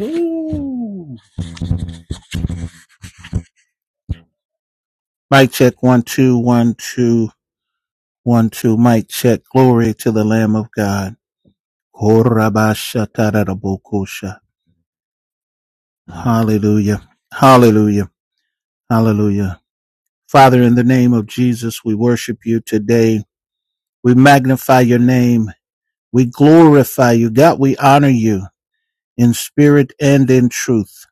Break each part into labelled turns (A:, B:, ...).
A: Ooh. Mic check one two one two one two. Mic check. Glory to the Lamb of God. Korabashatarabokosha. Hallelujah. Hallelujah. Hallelujah. Father, in the name of Jesus, we worship you today. We magnify your name. We glorify you. God, we honor you in spirit and in truth.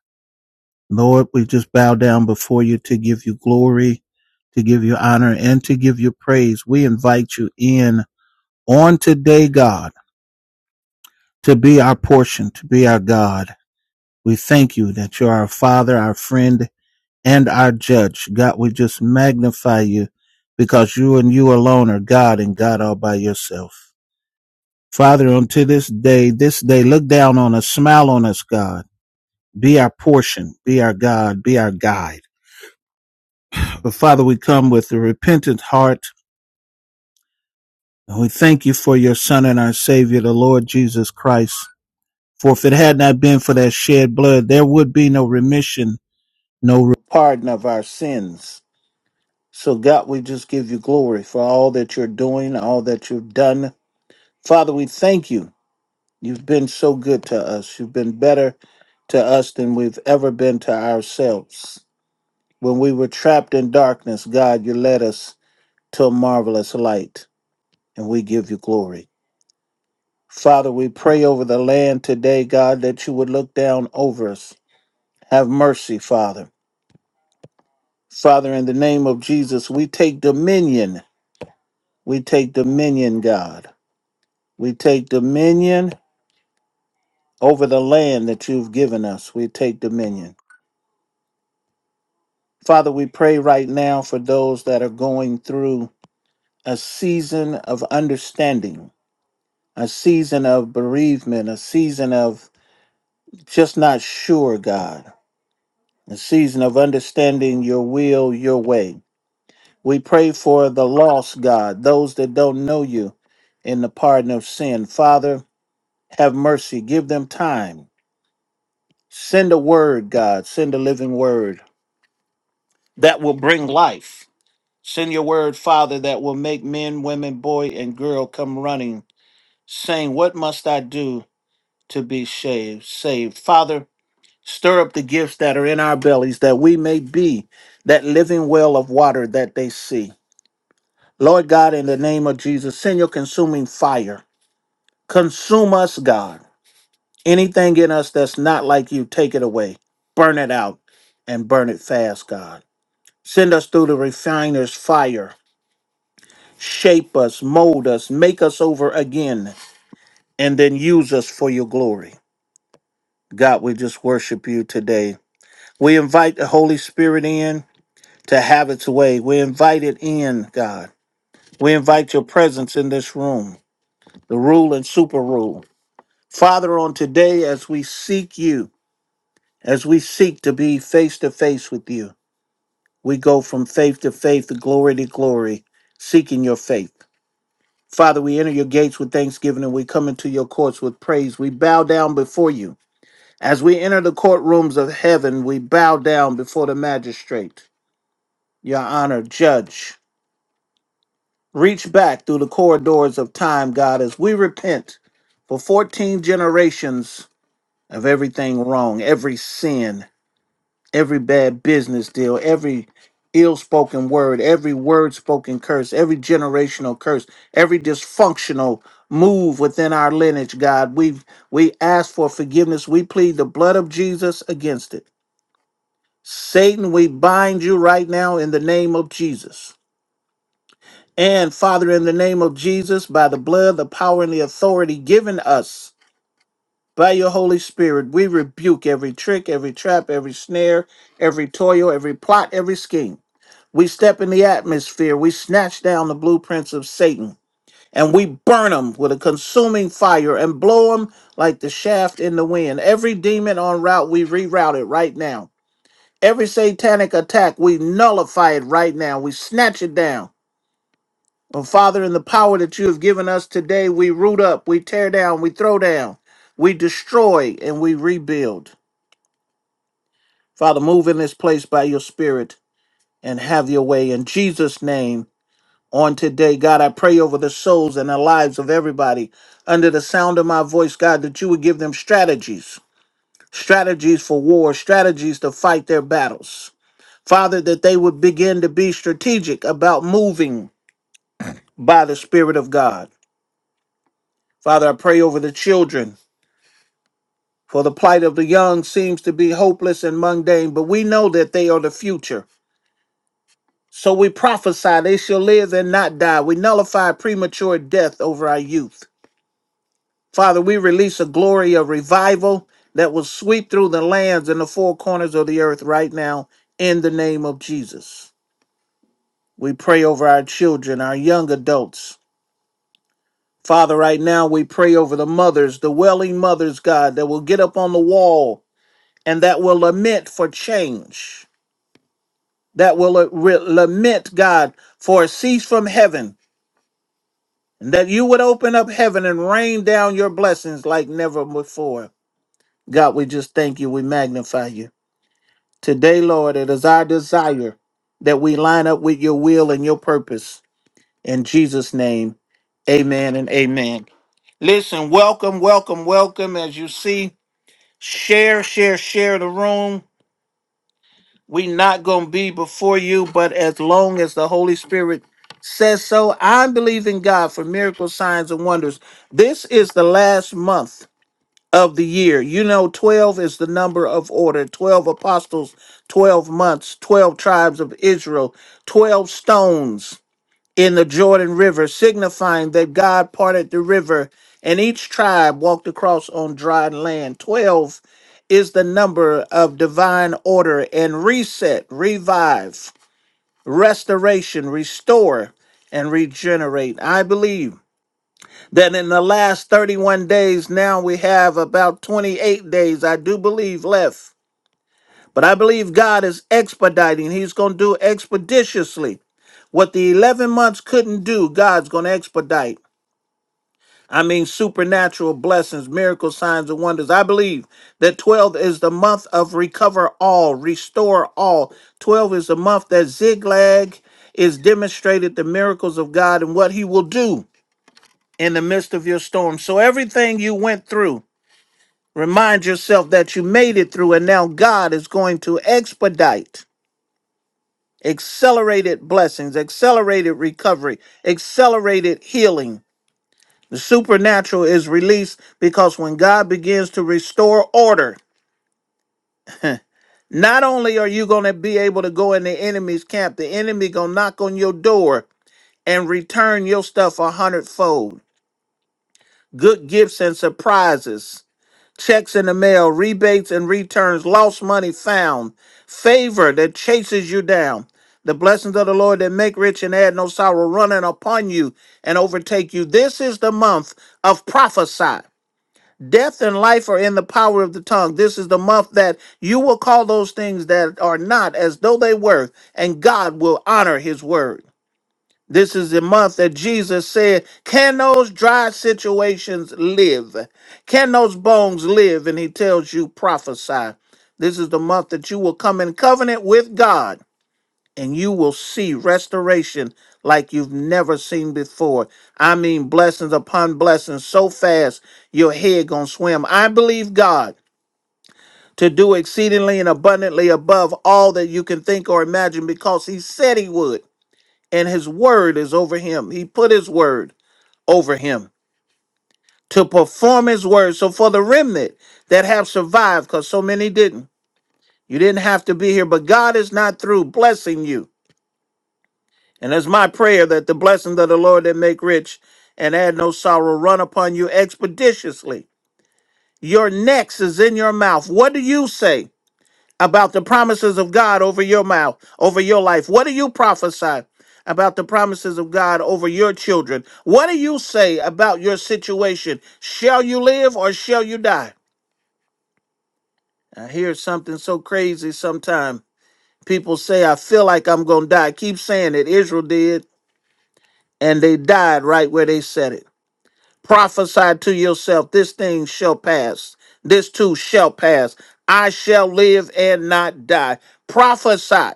A: Lord, we just bow down before you to give you glory, to give you honor, and to give you praise. We invite you in on today, God, to be our portion, to be our God. We thank you that you're our Father, our friend, and our judge. God, we just magnify you because you and you alone are God and God all by yourself. Father, unto this day, this day, look down on us, smile on us, God. Be our portion, be our God, be our guide. But Father, we come with a repentant heart and we thank you for your Son and our Savior, the Lord Jesus Christ For if it had not been for that shed blood, there would be no remission, no re- pardon of our sins. So, God, we just give you glory for all that you're doing, all that you've done. Father, we thank you. You've been so good to us. You've been better to us than we've ever been to ourselves. When we were trapped in darkness, God, you led us to a marvelous light, and we give you glory. Father, we pray over the land today, God, that you would look down over us. Have mercy, Father. Father, in the name of Jesus, we take dominion. We take dominion, God. We take dominion over the land that you've given us. We take dominion. Father, we pray right now for those that are going through a season of understanding, a season of bereavement, a season of just not sure, God, a season of understanding your will, your way. We pray for the lost, God, those that don't know you in the pardon of sin. Father, Have mercy. Give them time. Send a word, God. Send a living word that will bring life. Send your word, Father, that will make men, women, boy, and girl come running, saying, What must I do to be saved? Saved. Father, stir up the gifts that are in our bellies that we may be that living well of water that they see. Lord God, in the name of Jesus, send your consuming fire. Consume us, God. Anything in us that's not like you, take it away. Burn it out and burn it fast, God. Send us through the refiner's fire. Shape us, mold us, make us over again, and then use us for your glory. God, we just worship you today. We invite the Holy Spirit in to have its way. We invite it in, God. We invite your presence in this room, the rule and super rule. Father, on today, as we seek you, as we seek to be face to face with you, We go from faith to faith, to glory to glory, seeking your faith. Father, we enter your gates with thanksgiving and we come into your courts with praise. We bow down before you. As we enter the courtrooms of heaven, we bow down before the magistrate, your honor, judge. Reach back through the corridors of time, God, as we repent for 14 generations of everything wrong, every sin. every bad business deal, every ill spoken word, every word spoken curse, every generational curse, every dysfunctional move within our lineage, God. We we ask for forgiveness. We plead the blood of Jesus against it. Satan, we bind you right now in the name of Jesus. And Father, in the name of Jesus, by the blood, the power, and the authority given us by your Holy Spirit, we rebuke every trick, every trap, every snare, every toil, every plot, every scheme. We step in the atmosphere. We snatch down the blueprints of Satan and we burn them with a consuming fire and blow them like the shaft in the wind. Every demon on route, we reroute it right now. Every satanic attack, we nullify it right now. We snatch it down. Oh, Father, in the power that you have given us today, we root up, we tear down, we throw down, we destroy, and we rebuild. Father, move in this place by your Spirit and have your way. In Jesus' name, on today. God, I pray over the souls and the lives of everybody under the sound of my voice, God, that you would give them strategies, strategies for war, strategies to fight their battles. Father, that they would begin to be strategic about moving by the Spirit of God. Father, I pray over the children, for the plight of the young seems to be hopeless and mundane, but we know that they are the future. So we prophesy they shall live and not die. We nullify premature death over our youth. Father, we release a glory of revival that will sweep through the lands and the four corners of the earth right now in the name of Jesus. We pray over our children, our young adults. Father, right now we pray over the mothers, the welling mothers, God, that will get up on the wall and that will lament for change, that will uh, re- lament, God, for a cease from heaven, and that you would open up heaven and rain down your blessings like never before. God, we just thank you. We magnify you. Today, Lord, it is our desire that we line up with your will and your purpose. In Jesus' name, amen and amen. Listen, welcome, welcome, welcome. As you see, share, share, share the room. we not going to be before you, but as long as the Holy Spirit says so, I believe in God for miracles, signs, and wonders. This is the last month of the year. You know, 12 is the number of order 12 apostles, 12 months, 12 tribes of Israel, 12 stones in the Jordan River, signifying that God parted the river and each tribe walked across on dry land. 12 is the number of divine order and reset, revive, restoration, restore, and regenerate. I believe that in the last 31 days now we have about 28 days i do believe left but i believe god is expediting he's going to do expeditiously what the 11 months couldn't do god's going to expedite i mean supernatural blessings miracles signs and wonders i believe that 12 is the month of recover all restore all 12 is the month that ziglag is demonstrated the miracles of god and what he will do in the midst of your storm. So everything you went through, remind yourself that you made it through, and now God is going to expedite accelerated blessings, accelerated recovery, accelerated healing. The supernatural is released because when God begins to restore order, not only are you going to be able to go in the enemy's camp, the enemy going to knock on your door and return your stuff a hundredfold. Good gifts and surprises checks in the mail, rebates and returns, lost money found, favor that chases you down. The blessings of the Lord that make rich and add no sorrow running upon you and overtake you. This is the month of prophesy. Death and life are in the power of the tongue. This is the month that you will call those things that are not as though they were, and God will honor his word. This is the month that Jesus said, Can those dry situations live? Can those bones live? And he tells you, Prophesy. This is the month that you will come in covenant with God and you will see restoration like you've never seen before. I mean, blessings upon blessings so fast your head gonna swim. I believe God to do exceedingly and abundantly above all that you can think or imagine because he said he would and his word is over him. He put his word over him to perform his word. So for the remnant that have survived, because so many didn't, you didn't have to be here, but God is not through blessing you. And it's my prayer that the blessings of the Lord that make rich and add no sorrow run upon you expeditiously. Your next is in your mouth. What do you say? about the promises of God over your mouth, over your life? What do you prophesy about the promises of God over your children? What do you say about your situation? Shall you live or shall you die? I hear something so crazy sometime. People say, I feel like I'm going to die. Keep saying it. Israel did, and they died right where they said it. Prophesy to yourself, this thing shall pass. This too shall pass. I shall live and not die. Prophesy.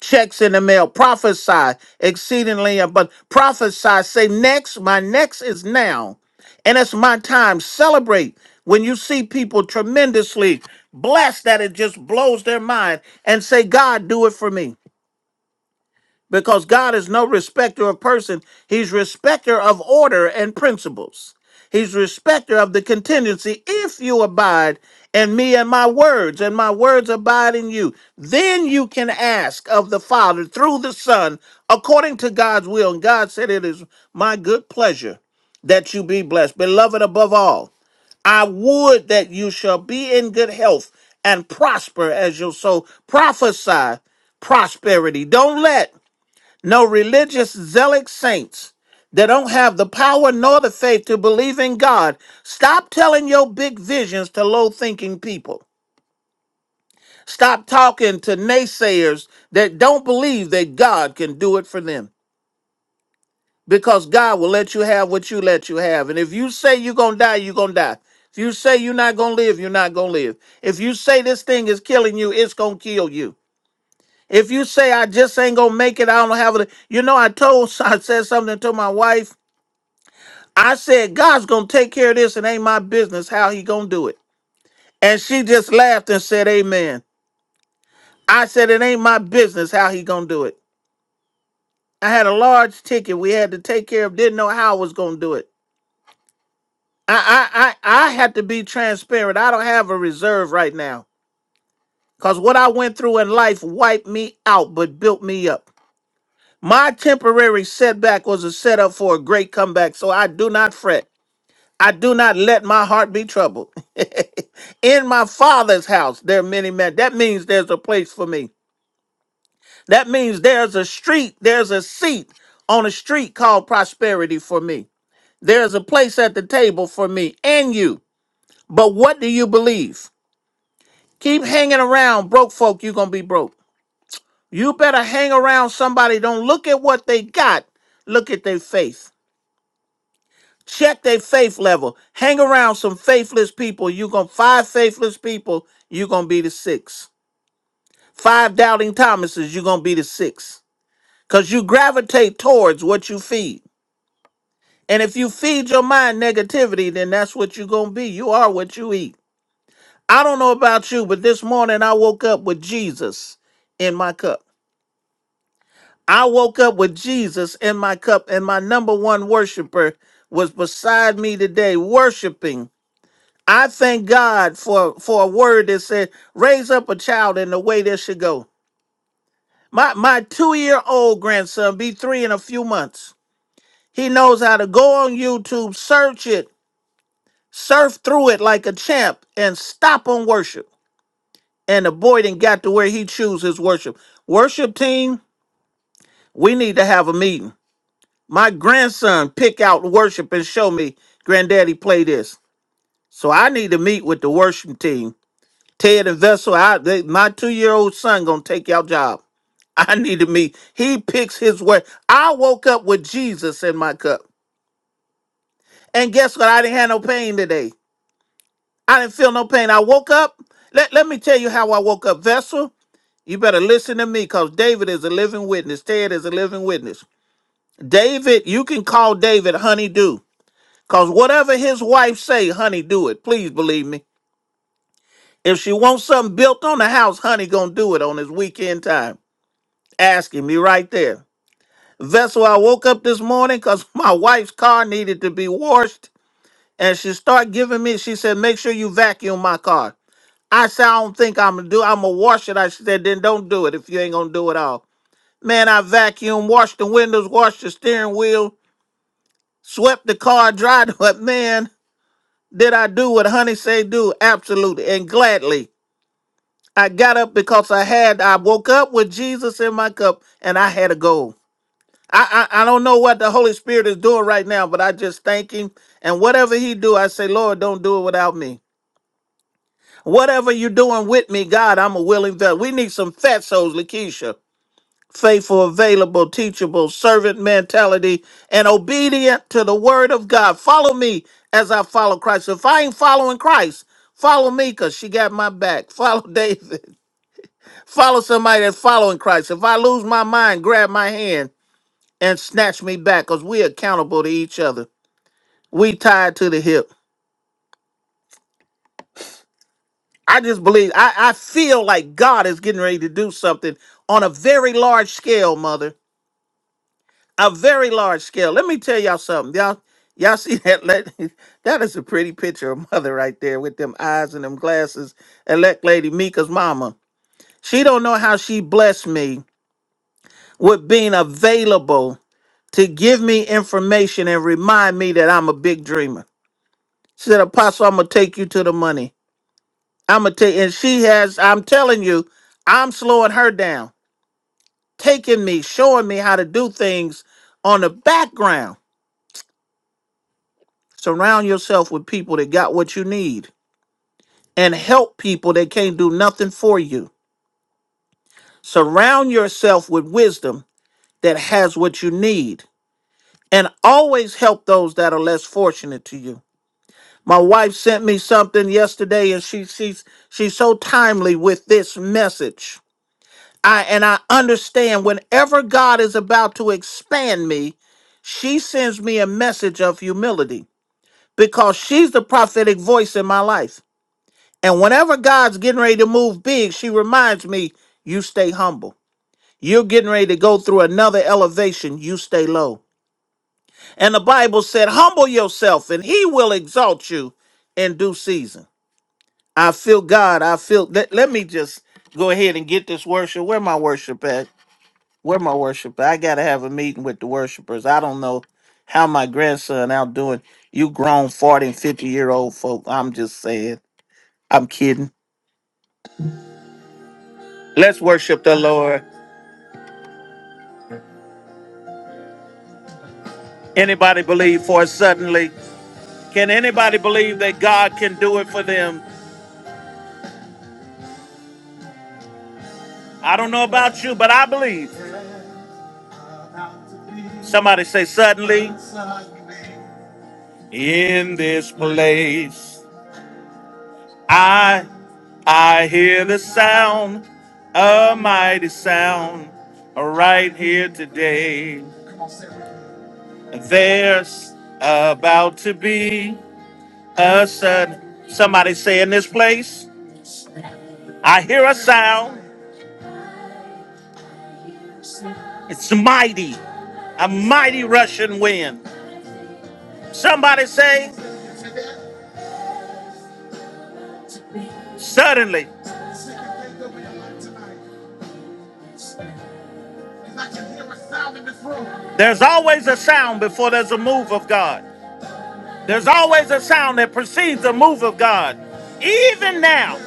A: checks in the mail. Prophesy exceedingly abundant. Prophesy. Say next. My next is now. And it's my time. Celebrate when you see people tremendously blessed that it just blows their mind and say, God, do it for me because God is no respecter of person. He's respecter of order and principles. He's respecter of the contingency. If you abide in me and my words, and my words abide in you, then you can ask of the Father through the Son according to God's will. And God said, It is my good pleasure that you be blessed. Beloved, above all, I would that you shall be in good health and prosper as your soul. Prophesy prosperity. Don't let no religious zealot saints that don't have the power nor the faith to believe in God. Stop telling your big visions to low thinking people. Stop talking to naysayers that don't believe that God can do it for them because God will let you have what you let you have. And if you say you're going to die, you're going to die. If you say you're not going to live, you're not going to live. If you say this thing is killing you, it's going to kill you. If you say I just ain't going to make it, I don't have it. You know, I told, I said something to my wife I said, God's gonna take care of this. It ain't my business how he gonna do it. And she just laughed and said, Amen. I said, It ain't my business how he gonna do it. I had a large ticket we had to take care of, didn't know how I was gonna do it. I I I, I had to be transparent. I don't have a reserve right now. Cause what I went through in life wiped me out but built me up. My temporary setback was a setup for a great comeback, so I do not fret. I do not let my heart be troubled. In my father's house, there are many men. That means there's a place for me. That means there's a street, there's a seat on a street called prosperity for me. There's a place at the table for me and you. But what do you believe? Keep hanging around broke folk, you're going to be broke. You better hang around somebody. Don't look at what they got, look at their faith. Check their faith level. Hang around some faithless people. You're going to five faithless people, you're going to be the six. Five doubting Thomases, you're going to be the six. Because you gravitate towards what you feed. And if you feed your mind negativity, then that's what you're going to be. You are what you eat. I don't know about you, but this morning I woke up with Jesus in my cup. I woke up with Jesus in my cup, and my number one worshiper was beside me today, worshiping I thank God for for a word that said, raise up a child in the way this should go. My my two-year-old grandson be three in a few months. He knows how to go on YouTube, search it, surf through it like a champ, and stop on worship. And the boy didn't got to where he choose his worship. Worship team, we need to have a meeting. My grandson pick out worship and show me, granddaddy, play this. So I need to meet with the worship team Ted and Vessel, I, they, my two-year-old son gonna take your job. I need to meet. He picks his way. I woke up with Jesus in my cup. And guess what? I didn't have no pain today. I didn't feel no pain. I woke up. Let, let me tell you how I woke up. Vessel, you better listen to me because David is a living witness. Ted is a living witness. David, you can call David honeydew. Because whatever his wife say, honey, do it. Please believe me. If she wants something built on the house, honey gonna do it on his weekend time. asking me right there. Vessel, I woke up this morning because my wife's car needed to be washed, and she started giving me. She said, "Make sure you vacuum my car." I said, "I don't think I'm gonna do. I'm gonna wash it." I said, "Then don't do it if you ain't gonna do it all." Man, I vacuumed, washed the windows, washed the steering wheel, swept the car, dried. But man, did I do what Honey say do? Absolutely and gladly. I got up because I had. I woke up with Jesus in my cup, and I had a goal. I, I I don't know what the Holy Spirit is doing right now, but I just thank Him. And whatever He do, I say, Lord, don't do it without me. Whatever you're doing with me, God, I'm a willing vessel. We need some fat souls, Lakeisha. Faithful, available, teachable, servant mentality, and obedient to the word of God. Follow me as I follow Christ. If I ain't following Christ, follow me because she got my back. Follow David. Follow somebody that's following Christ. If I lose my mind, grab my hand and snatch me back because we're accountable to each other. We tied to the hip. I just believe, I, I feel like God is getting ready to do something on a very large scale, mother. A very large scale. Let me tell y'all something. Y'all, y'all see that? Let, that is a pretty picture of mother right there with them eyes and them glasses. Elect Lady Mika's mama. She don't know how she blessed me with being available to give me information and remind me that I'm a big dreamer. She said, Apostle, I'm gonna take you to the money. I'm gonna take, and she has. I'm telling you, I'm slowing her down, taking me, showing me how to do things on the background. Surround yourself with people that got what you need, and help people that can't do nothing for you. Surround yourself with wisdom that has what you need, and always help those that are less fortunate to you. My wife sent me something yesterday, and she she's she's so timely with this message I and I understand whenever God is about to expand me, she sends me a message of humility because she's the prophetic voice in my life. And whenever God's getting ready to move big, she reminds me, you stay humble. You're getting ready to go through another elevation, you stay low. And the Bible said, humble yourself and he will exalt you in due season. I feel God. I feel let, let me just go ahead and get this worship. Where my worship at? Where my worship? I gotta have a meeting with the worshipers. I don't know how my grandson out doing. You grown forty and fifty year old folk. I'm just saying. I'm kidding. Let's worship the Lord. Anybody believe for us suddenly? Can anybody believe that God can do it for them? I don't know about you, but I believe. Somebody say suddenly. In this place, I. I hear the sound, a mighty sound, right here today. There's about to be a sudden. Somebody say in this place, I hear a sound. It's mighty, a mighty rushing wind. Somebody say, suddenly. There's always a sound before there's a move of God. There's always a sound that precedes a move of God. Even now.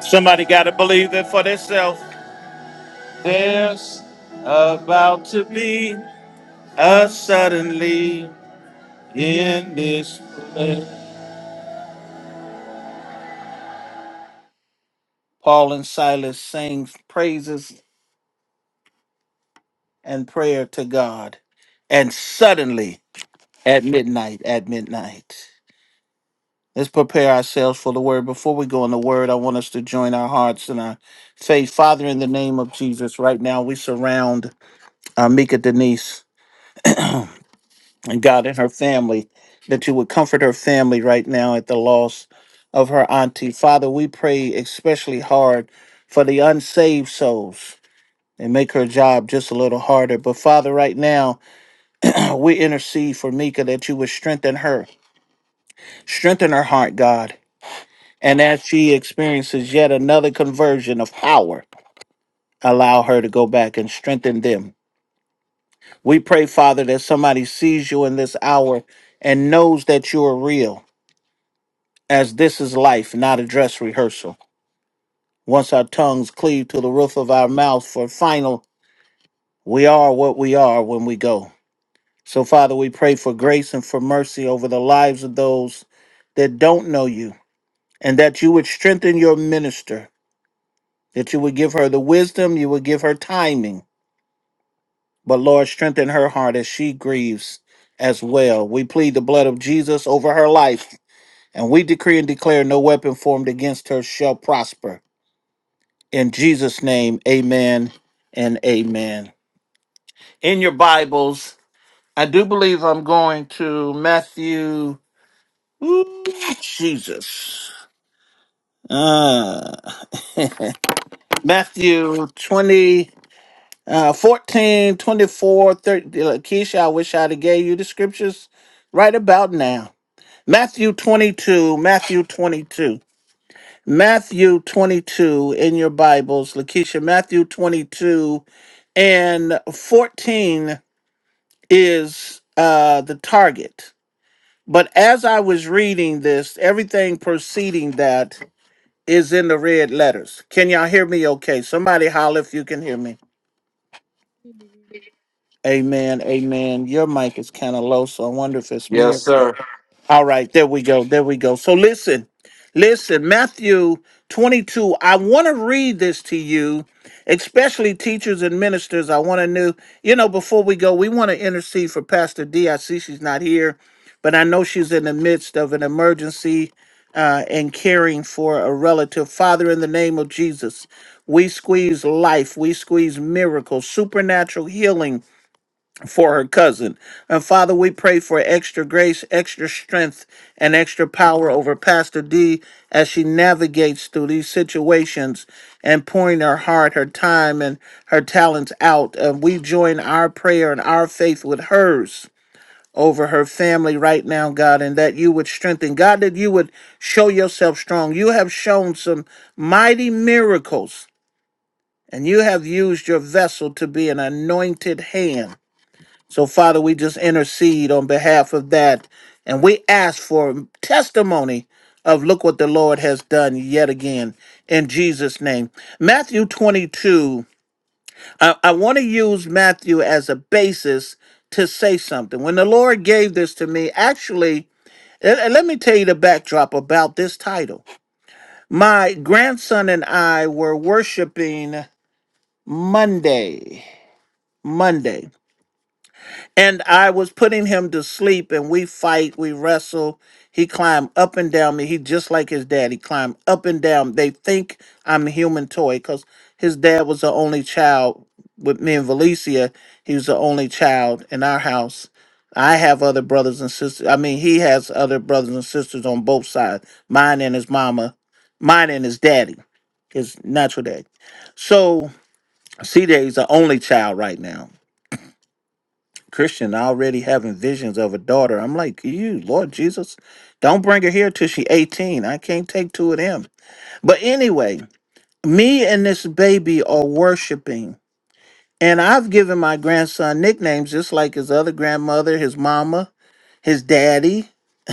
A: Somebody got to believe it for themselves. There's about to be a suddenly in this place. Paul and Silas sang praises and prayer to God. And suddenly at midnight, at midnight. Let's prepare ourselves for the word. Before we go in the word, I want us to join our hearts and our faith. Father, in the name of Jesus, right now we surround uh, Mika Denise. and God and her family, that you would comfort her family right now at the loss of her auntie. Father, we pray especially hard for the unsaved souls and make her job just a little harder. But Father, right now, we intercede for Mika that you would strengthen her, strengthen her heart, God. And as she experiences yet another conversion of power, allow her to go back and strengthen them. We pray, Father, that somebody sees you in this hour and knows that you are real as this is life, not a dress rehearsal. Once our tongues cleave to the roof of our mouth for final, we are what we are when we go. So, Father, we pray for grace and for mercy over the lives of those that don't know you, and that you would strengthen your minister, that you would give her the wisdom, you would give her timing. But, Lord, strengthen her heart as she grieves as well. We plead the blood of Jesus over her life, and we decree and declare no weapon formed against her shall prosper In Jesus' name, amen and amen. In your Bibles, I do believe I'm going to Matthew, ooh, Jesus, uh, Matthew 20, uh, 14, twenty-four, thirty. Keisha, I wish I'd have gave you the scriptures right about now. Matthew 22, Matthew 22. Matthew 22 in your Bibles, Lakeisha, Matthew 22 and 14 is uh, the target. But as I was reading this, everything preceding that is in the red letters. Can y'all hear me okay? Somebody holler if you can hear me. Amen. Amen. Your mic is kind of low, so I wonder if it's me. All right, there we go. There we go. So listen, listen, Matthew 22. I want to read this to you, especially teachers and ministers. I want to know, you know, before we go, we want to intercede for Pastor D. I see she's not here, but I know she's in the midst of an emergency uh, and caring for a relative. Father, in the name of Jesus, we squeeze life, we squeeze miracles, supernatural healing for her cousin. And Father, we pray for extra grace, extra strength, and extra power over Pastor D as she navigates through these situations and pouring her heart, her time, and her talents out. And we join our prayer and our faith with hers over her family right now, God, and that you would strengthen. God, that you would show yourself strong. You have shown some mighty miracles, and you have used your vessel to be an anointed hand so, Father, we just intercede on behalf of that. And we ask for testimony of look what the Lord has done yet again in Jesus' name. Matthew 22, I, I want to use Matthew as a basis to say something. When the Lord gave this to me, actually, and- and let me tell you the backdrop about this title. My grandson and I were worshiping Monday. Monday. And I was putting him to sleep, and we fight, we wrestle. He climbed up and down me. He just like his dad. He climbed up and down. They think I'm a human toy because his dad was the only child with me and Valicia. He was the only child in our house. I have other brothers and sisters. I mean, he has other brothers and sisters on both sides. Mine and his mama, mine and his daddy, his natural daddy. So C J is the only child right now Christian already having visions of a daughter. I'm like, you, Lord Jesus, don't bring her here till she 18. I can't take two of them. But anyway, me and this baby are worshiping. And I've given my grandson nicknames just like his other grandmother, his mama, his daddy,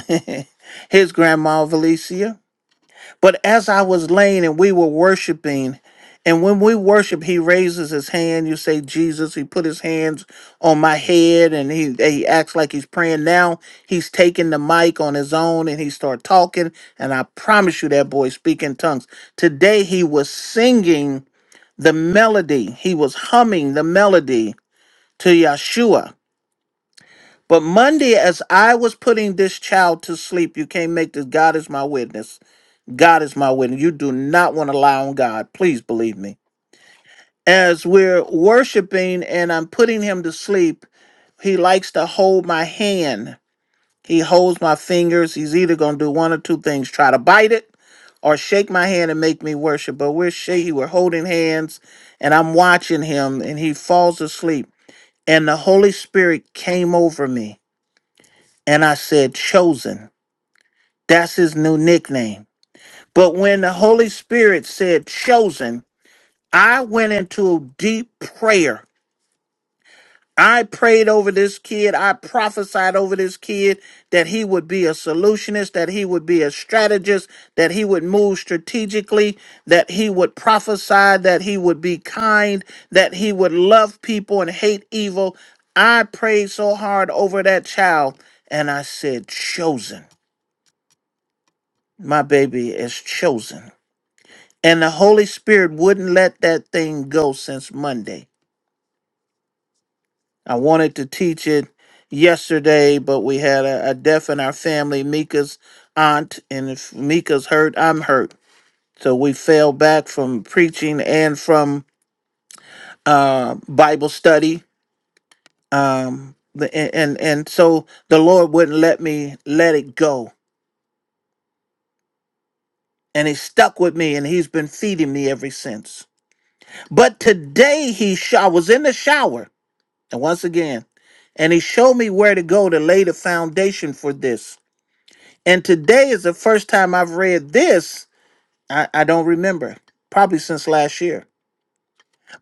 A: his grandma Valicia. But as I was laying and we were worshiping, and when we worship, he raises his hand. You say, Jesus, he put his hands on my head and he, he acts like he's praying. Now he's taking the mic on his own and he start talking. And I promise you that boy speak in tongues. Today he was singing the melody. He was humming the melody to Yeshua. But Monday, as I was putting this child to sleep, you can't make this. God is my witness. God is my witness. You do not want to lie on God. Please believe me. As we're worshiping and I'm putting him to sleep, he likes to hold my hand. He holds my fingers. He's either going to do one or two things try to bite it or shake my hand and make me worship. But we're shaking, we're holding hands, and I'm watching him, and he falls asleep. And the Holy Spirit came over me, and I said, Chosen. That's his new nickname. But when the Holy Spirit said, Chosen, I went into deep prayer. I prayed over this kid. I prophesied over this kid that he would be a solutionist, that he would be a strategist, that he would move strategically, that he would prophesy, that he would be kind, that he would love people and hate evil. I prayed so hard over that child and I said, Chosen. My baby is chosen. And the Holy Spirit wouldn't let that thing go since Monday. I wanted to teach it yesterday, but we had a, a death in our family, Mika's aunt, and if Mika's hurt, I'm hurt. So we fell back from preaching and from uh, Bible study. Um, the- and, and and so the Lord wouldn't let me let it go. And he stuck with me and he's been feeding me ever since. But today he sh- I was in the shower. And once again, and he showed me where to go to lay the foundation for this. And today is the first time I've read this. I, I don't remember, probably since last year.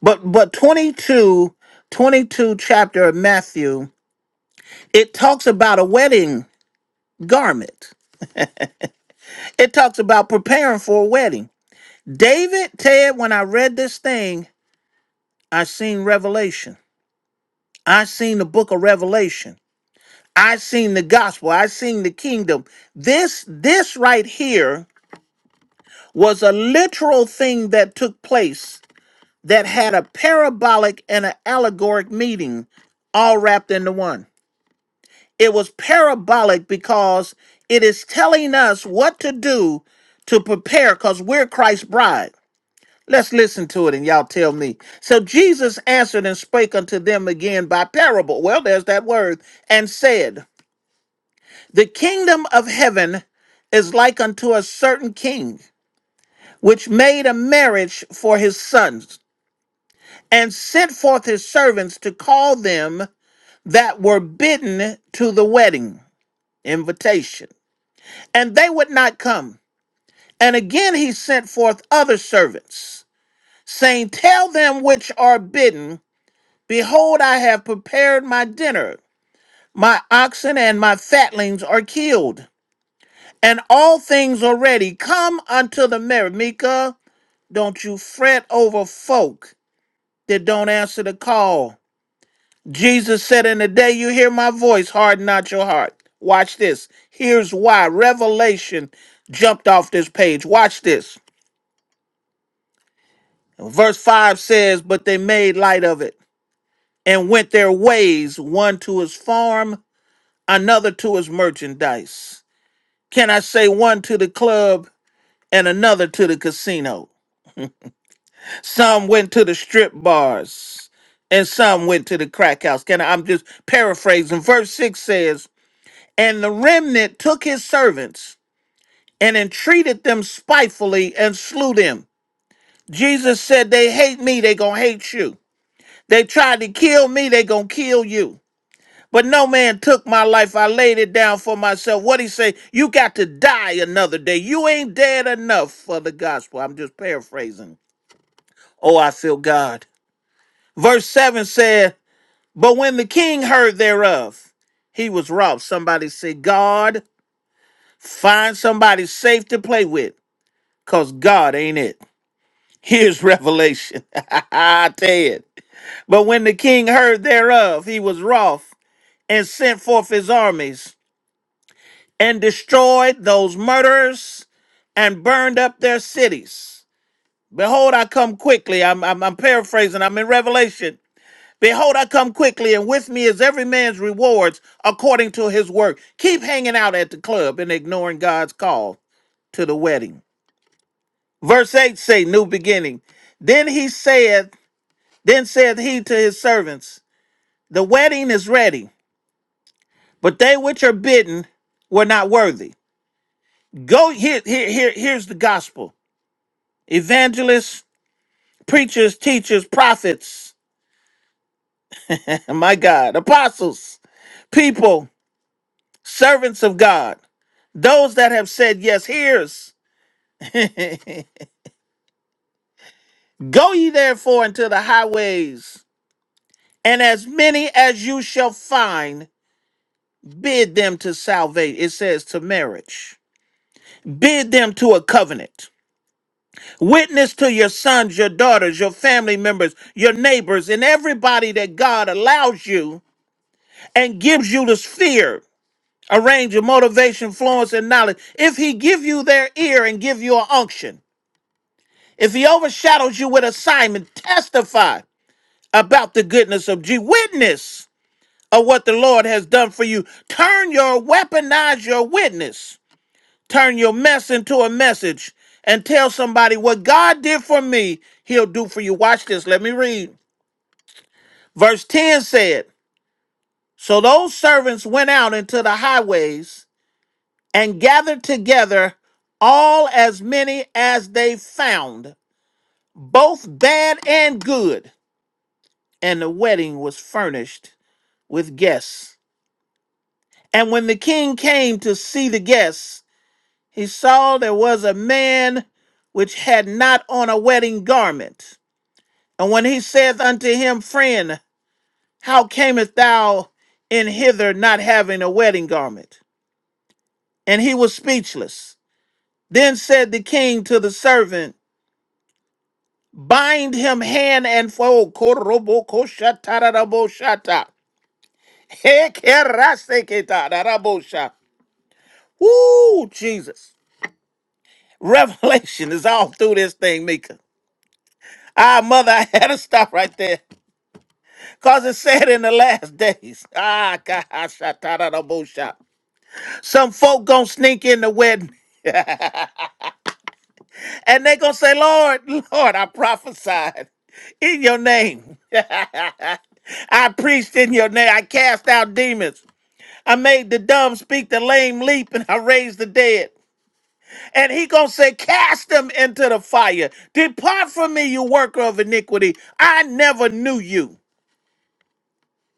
A: But but 22, 22 chapter of Matthew, it talks about a wedding garment. It talks about preparing for a wedding. David, Ted, when I read this thing, I seen Revelation. I seen the book of Revelation. I seen the gospel. I seen the kingdom. This this right here was a literal thing that took place that had a parabolic and an allegoric meaning all wrapped into one. It was parabolic because it is telling us what to do to prepare because we're Christ's bride. Let's listen to it and y'all tell me. So Jesus answered and spake unto them again by parable. Well, there's that word. And said, The kingdom of heaven is like unto a certain king, which made a marriage for his sons, and sent forth his servants to call them that were bidden to the wedding invitation, and they would not come. And again he sent forth other servants, saying, Tell them which are bidden, Behold, I have prepared my dinner. My oxen and my fatlings are killed, and all things are ready. Come unto the marriage. Mika, don't you fret over folk that don't answer the call Jesus said, In the day you hear my voice, harden not your heart. Watch this. Here's why. Revelation jumped off this page. Watch this. Verse 5 says, But they made light of it and went their ways, one to his farm, another to his merchandise. Can I say one to the club and another to the casino? Some went to the strip bars and some went to the crack house. Can I, I'm just paraphrasing. Verse 6 says, And the remnant took his servants and entreated them spitefully and slew them. Jesus said, They hate me, they gonna hate you. They tried to kill me, they gonna kill you. But no man took my life. I laid it down for myself. What he say? You got to die another day. You ain't dead enough for the gospel. I'm just paraphrasing. Oh, I feel God. Verse 7 said, But when the king heard thereof, he was wroth. Somebody say, God, find somebody safe to play with. because God ain't it. Here's revelation. I tell you. But when the king heard thereof, he was wroth and sent forth his armies and destroyed those murderers and burned up their cities. Behold, I come quickly. I'm, I'm, I'm paraphrasing, I'm in Revelation. Behold, I come quickly, and with me is every man's rewards according to his work. Keep hanging out at the club and ignoring God's call to the wedding. Verse 8 say, New beginning. Then he said. Then said he to his servants, The wedding is ready, but they which are bidden were not worthy. Go here, here, here here's the gospel. Evangelists, preachers, teachers, prophets, my God, apostles, people, servants of God, those that have said yes, here's. Go ye therefore into the highways, and as many as you shall find, bid them to salvation. It says to marriage. Bid them to a covenant Witness to your sons, your daughters, your family members, your neighbors, and everybody that God allows you and gives you the sphere, a range of motivation, influence, and knowledge. If He give you their ear and give you an unction, if He overshadows you with assignment, testify about the goodness of G. Witness of what the Lord has done for you. Turn your weaponize your witness Turn your mess into a message and tell somebody what God did for me, he'll do for you. Watch this. Let me read. Verse 10 said, So those servants went out into the highways and gathered together all as many as they found, both bad and good. And the wedding was furnished with guests. And when the king came to see the guests, he saw there was a man which had not on a wedding garment. And when he saith unto him, Friend, how camest thou in hither not having a wedding garment? And he was speechless. Then said the king to the servant, Bind him hand and foot. Korobokoshataraboshata. Hekeraseketadaraboshata. Woo, Jesus. Revelation is all through this thing, Mika. Ah, mother, I had to stop right there. Because it said in the last days. Ah, God. Some folk gonna sneak in the wedding and they gonna say, Lord, Lord, I prophesied in your name. I preached in your name. I cast out demons. I made the dumb speak, the lame leap, and I raised the dead. And he gonna say, Cast them into the fire. Depart from me, you worker of iniquity. I never knew you.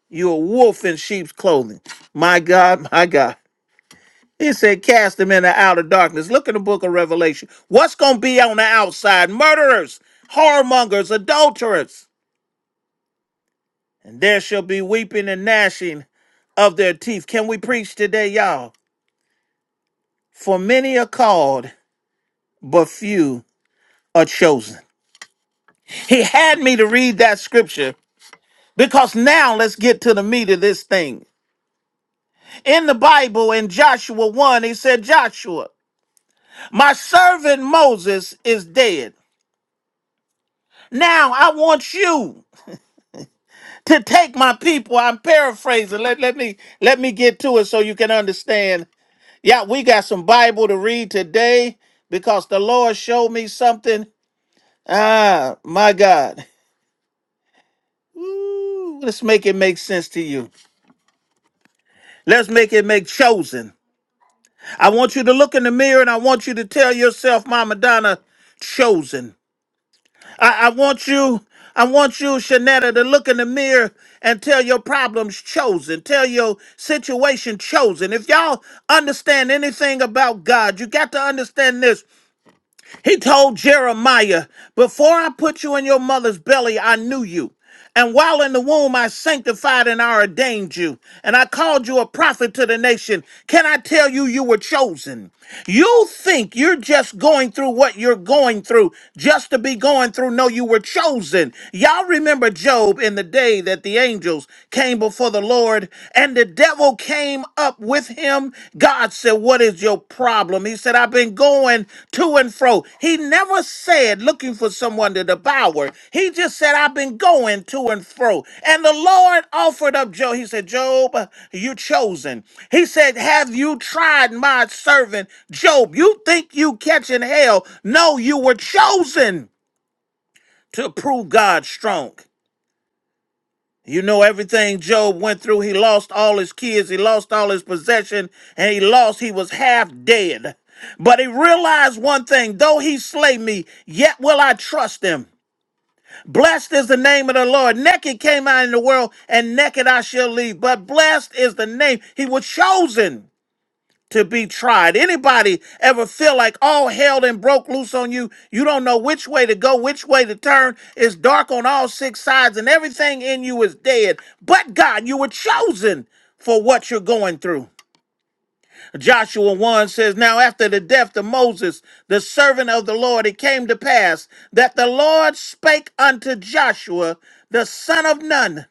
A: You're a wolf in sheep's clothing. My God, my God. He said, cast them in the outer darkness. Look in the book of Revelation. What's going to be on the outside? Murderers, whoremongers, adulterers. And there shall be weeping and gnashing of their teeth. Can we preach today, y'all? For many are called, but few are chosen. He had me to read that scripture because now let's get to the meat of this thing. In the Bible, in Joshua 1, he said, Joshua, my servant Moses is dead. Now I want you. to take my people. I'm paraphrasing. Let, let me let me get to it so you can understand. Yeah, we got some Bible to read today because the Lord showed me something. Ah, my God. Ooh, let's make it make sense to you. Let's make it make chosen. I want you to look in the mirror and I want you to tell yourself, Mama Donna, chosen. I, I want you, I want you, Shanetta, to look in the mirror and tell your problems chosen, tell your situation chosen. If y'all understand anything about God, you got to understand this. He told Jeremiah, Before I put you in your mother's belly, I knew you. And while in the womb, I sanctified and I ordained you. And I called you a prophet to the nation. Can I tell you, you were chosen? You think you're just going through what you're going through just to be going through. No, you were chosen. Y'all remember Job in the day that the angels came before the Lord the devil came up with him, God said, What is your problem? He said, I've been going to and fro. He never said looking for someone to devour. He just said, I've been going to and fro. And the Lord offered up Job. He said, Job, you chosen. He said, Have you tried my servant Job? You think you catching hell? No, you were chosen to prove God strong. You know everything Job went through. He lost all his kids, he lost all his possession, and he lost, he was half dead. But he realized one thing though he slay me, yet will I trust him. Blessed is the name of the Lord. Naked came I in the world, and naked I shall leave. But blessed is the name. He was chosen to be tried. Anybody ever feel like all hell then broke loose on you? You don't know which way to go, which way to turn. It's dark on all six sides, and everything in you is dead. But God, you were chosen for what you're going through. Joshua 1 says, Now after the death of Moses, the servant of the Lord, it came to pass that the Lord spake unto Joshua, the son of Nun.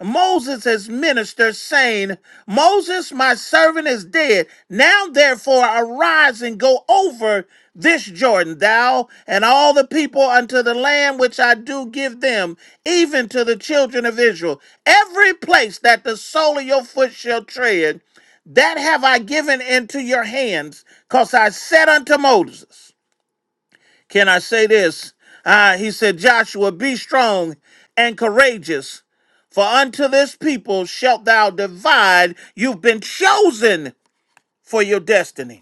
A: Moses his minister, saying, Moses, my servant, is dead. Now therefore arise and go over this Jordan, thou and all the people unto the land which I do give them, even to the children of Israel. Every place that the sole of your foot shall tread, that have I given into your hands, because I said unto Moses. Can I say this? Uh, he said, Joshua, be strong and courageous, for unto this people shalt thou divide. You've been chosen for your destiny.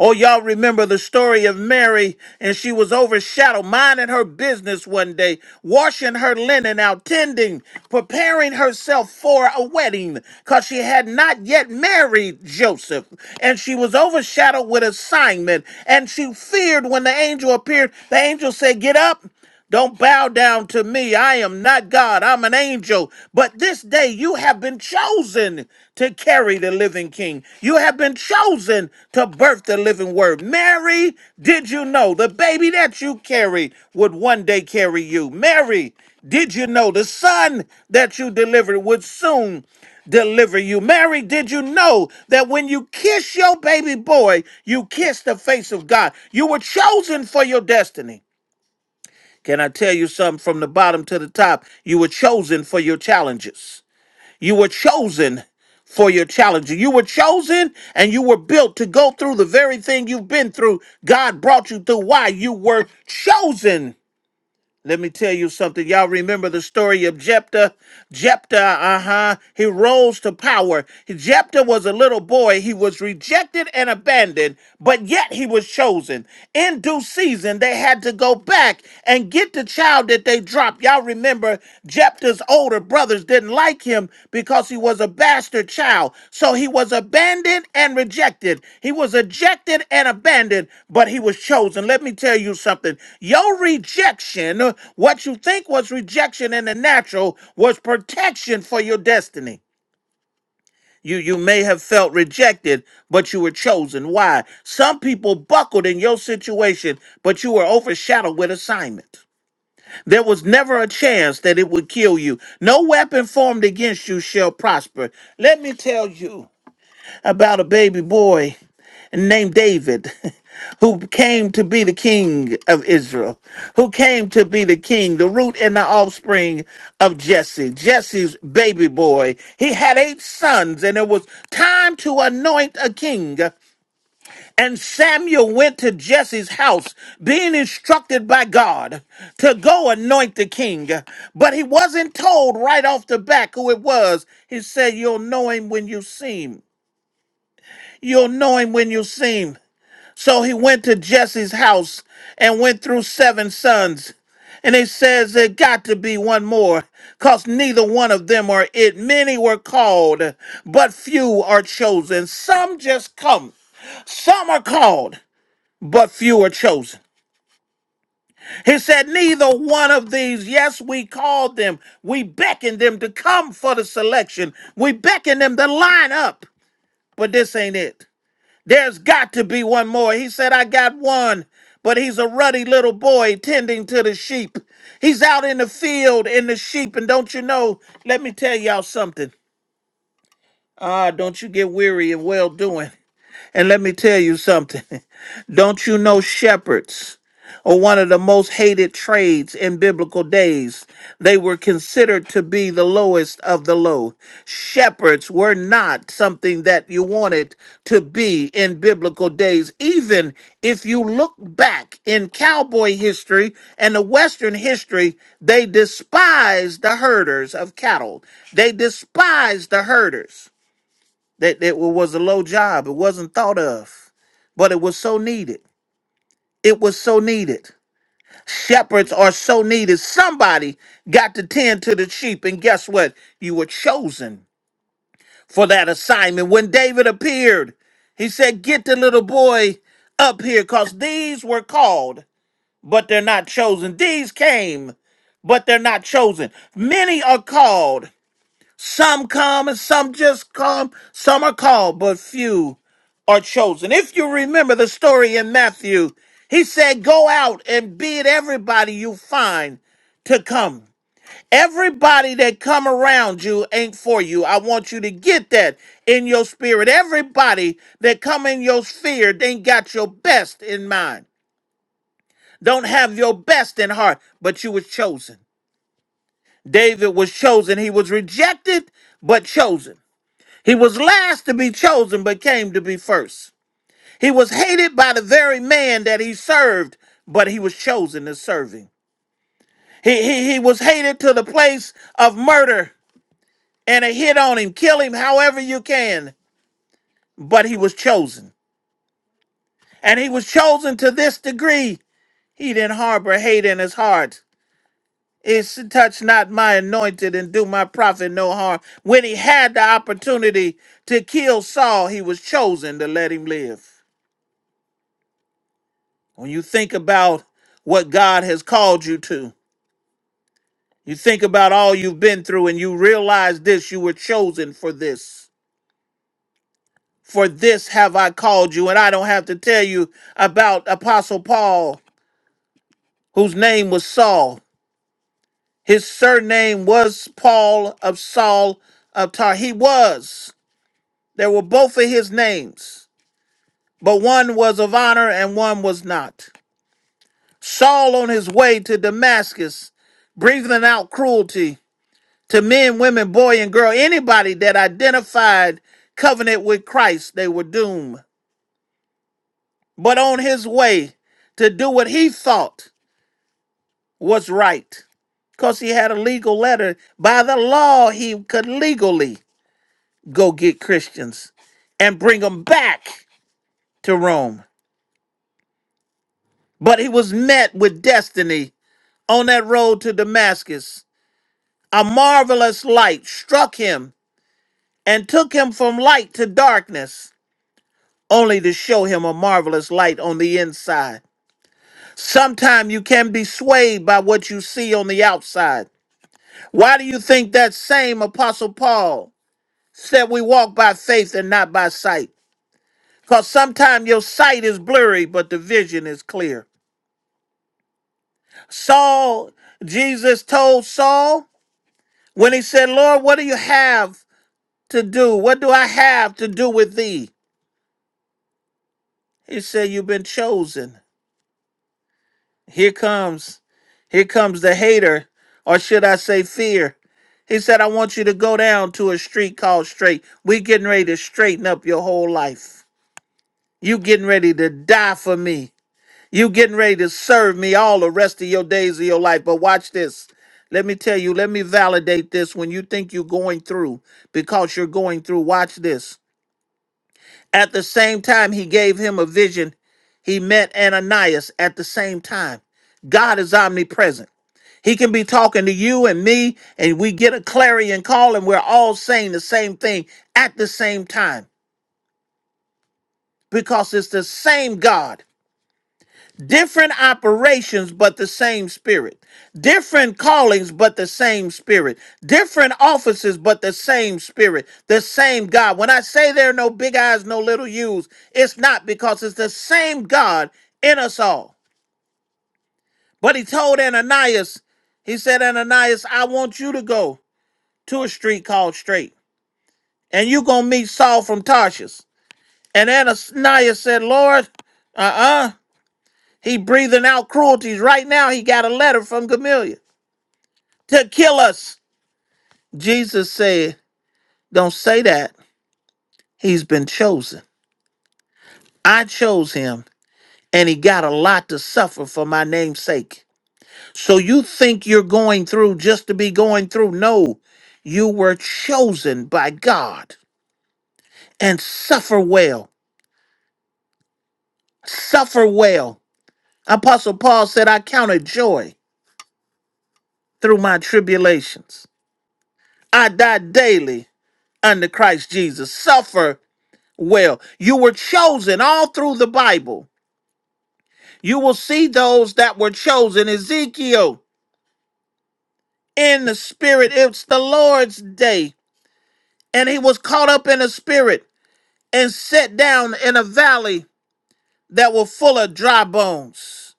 A: Oh, y'all remember the story of Mary, and she was overshadowed, minding her business one day, washing her linen out, tending, preparing herself for a wedding, because she had not yet married Joseph. And she was overshadowed with assignment, and she feared when the angel appeared. The angel said, Get up. Don't bow down to me. I am not God. I'm an angel. But this day you have been chosen to carry the living king. You have been chosen to birth the living word. Mary, did you know the baby that you carried would one day carry you? Mary, did you know the son that you delivered would soon deliver you? Mary, did you know that when you kiss your baby boy, you kiss the face of God? You were chosen for your destiny. Can I tell you something from the bottom to the top? You were chosen for your challenges. You were chosen for your challenges. You were chosen and you were built to go through the very thing you've been through. God brought you through. Why? You were chosen let me tell you something. Y'all remember the story of Jephthah? Jephthah, uh huh. He rose to power. Jephthah was a little boy. He was rejected and abandoned, but yet he was chosen. In due season, they had to go back and get the child that they dropped. Y'all remember Jephthah? his older brothers didn't like him because he was a bastard child. So he was abandoned and rejected. He was ejected and abandoned, but he was chosen. Let me tell you something. Your rejection, what you think was rejection in the natural, was protection for your destiny. You you may have felt rejected, but you were chosen. Why? Some people buckled in your situation, but you were overshadowed with assignment. There was never a chance that it would kill you. No weapon formed against you shall prosper. Let me tell you about a baby boy named David who came to be the king of Israel, who came to be the king, the root and the offspring of Jesse, Jesse's baby boy. He had eight sons, and it was time to anoint a king. And Samuel went to Jesse's house, being instructed by God to go anoint the king. But he wasn't told right off the back who it was. He said, You'll know him when you see him. You'll know him when you see him. So he went to Jesse's house and went through seven sons. And it says there got to be one more, because neither one of them are it. Many were called, but few are chosen. Some just come. Some are called, but few are chosen. He said, Neither one of these, yes, we called them, we beckoned them to come for the selection, we beckoned them to line up, but this ain't it. There's got to be one more. He said, I got one, but he's a ruddy little boy tending to the sheep. He's out in the field in the sheep, and don't you know, let me tell y'all something. Ah, don't you get weary of well doing. And let me tell you something. Don't you know shepherds are one of the most hated trades in biblical days? They were considered to be the lowest of the low. Shepherds were not something that you wanted to be in biblical days. Even if you look back in cowboy history and the Western history, they despised the herders of cattle, they despised the herders. That that was a low job. It wasn't thought of, but it was so needed. It was so needed. Shepherds are so needed. Somebody got to tend to the sheep, and guess what? You were chosen for that assignment. When David appeared, he said, "Get the little boy up here, cause these were called, but they're not chosen. These came, but they're not chosen. Many are called." Some come and some just come. Some are called, but few are chosen. If you remember the story in Matthew, he said, Go out and bid everybody you find to come. Everybody that come around you ain't for you. I want you to get that in your spirit. Everybody that come in your sphere, they ain't got your best in mind. Don't have your best in heart, but you was chosen. David was chosen. He was rejected, but chosen. He was last to be chosen, but came to be first. He was hated by the very man that he served, but he was chosen to serve him. He, he, he was hated to the place of murder and a hit on him, kill him however you can, but he was chosen. And he was chosen to this degree, he didn't harbor hate in his heart. It's touch not my anointed and do my prophet no harm. When he had the opportunity to kill Saul, he was chosen to let him live. When you think about what God has called you to, you think about all you've been through and you realize this you were chosen for this. For this have I called you. And I don't have to tell you about Apostle Paul, whose name was Saul. His surname was Paul of Saul of Tar. He was. There were both of his names, but one was of honor and one was not. Saul on his way to Damascus, breathing out cruelty, to men, women, boy, and girl, anybody that identified covenant with Christ, they were doomed. But on his way to do what he thought was right, because he had a legal letter. By the law, he could legally go get Christians and bring them back to Rome. But he was met with destiny on that road to Damascus. A marvelous light struck him and took him from light to darkness only to show him a marvelous light on the inside. Sometime you can be swayed by what you see on the outside. Why do you think that same Apostle Paul said we walk by faith and not by sight? Because sometimes your sight is blurry, but the vision is clear. Saul, Jesus told Saul when he said, Lord, what do you have to do? What do I have to do with thee? He said, You've been chosen. Here comes, here comes the hater, or should I say fear. He said, I want you to go down to a street called straight. We getting ready to straighten up your whole life. You getting ready to die for me. You getting ready to serve me all the rest of your days of your life. But watch this. Let me tell you, let me validate this when you think you're going through because you're going through. Watch this. At the same time, he gave him a vision. He met Ananias at the same time. God is omnipresent. He can be talking to you and me, and we get a clarion call, and we're all saying the same thing at the same time because it's the same God. Different operations, but the same spirit. Different callings, but the same spirit. Different offices, but the same spirit. The same God. When I say there are no big eyes, no little U's, it's not because it's the same God in us all. But he told Ananias, he said, Ananias, I want you to go to a street called Straight, and you going to meet Saul from Tarshish. And Ananias said, Lord, uh uh he breathing out cruelties. Right now, he got a letter from Gamaliel. to kill us. Jesus said, Don't say that. He's been chosen. I chose him, and he got a lot to suffer for my name's sake. So you think you're going through just to be going through? No, you were chosen by God and suffer well. Suffer well. Apostle Paul said, I count it joy through my tribulations. I die daily under Christ Jesus. Suffer well. You were chosen all through the Bible You will see those that were chosen, Ezekiel, in the spirit. It's the Lord's day. And he was caught up in the spirit and set down in a valley that were full of dry bones.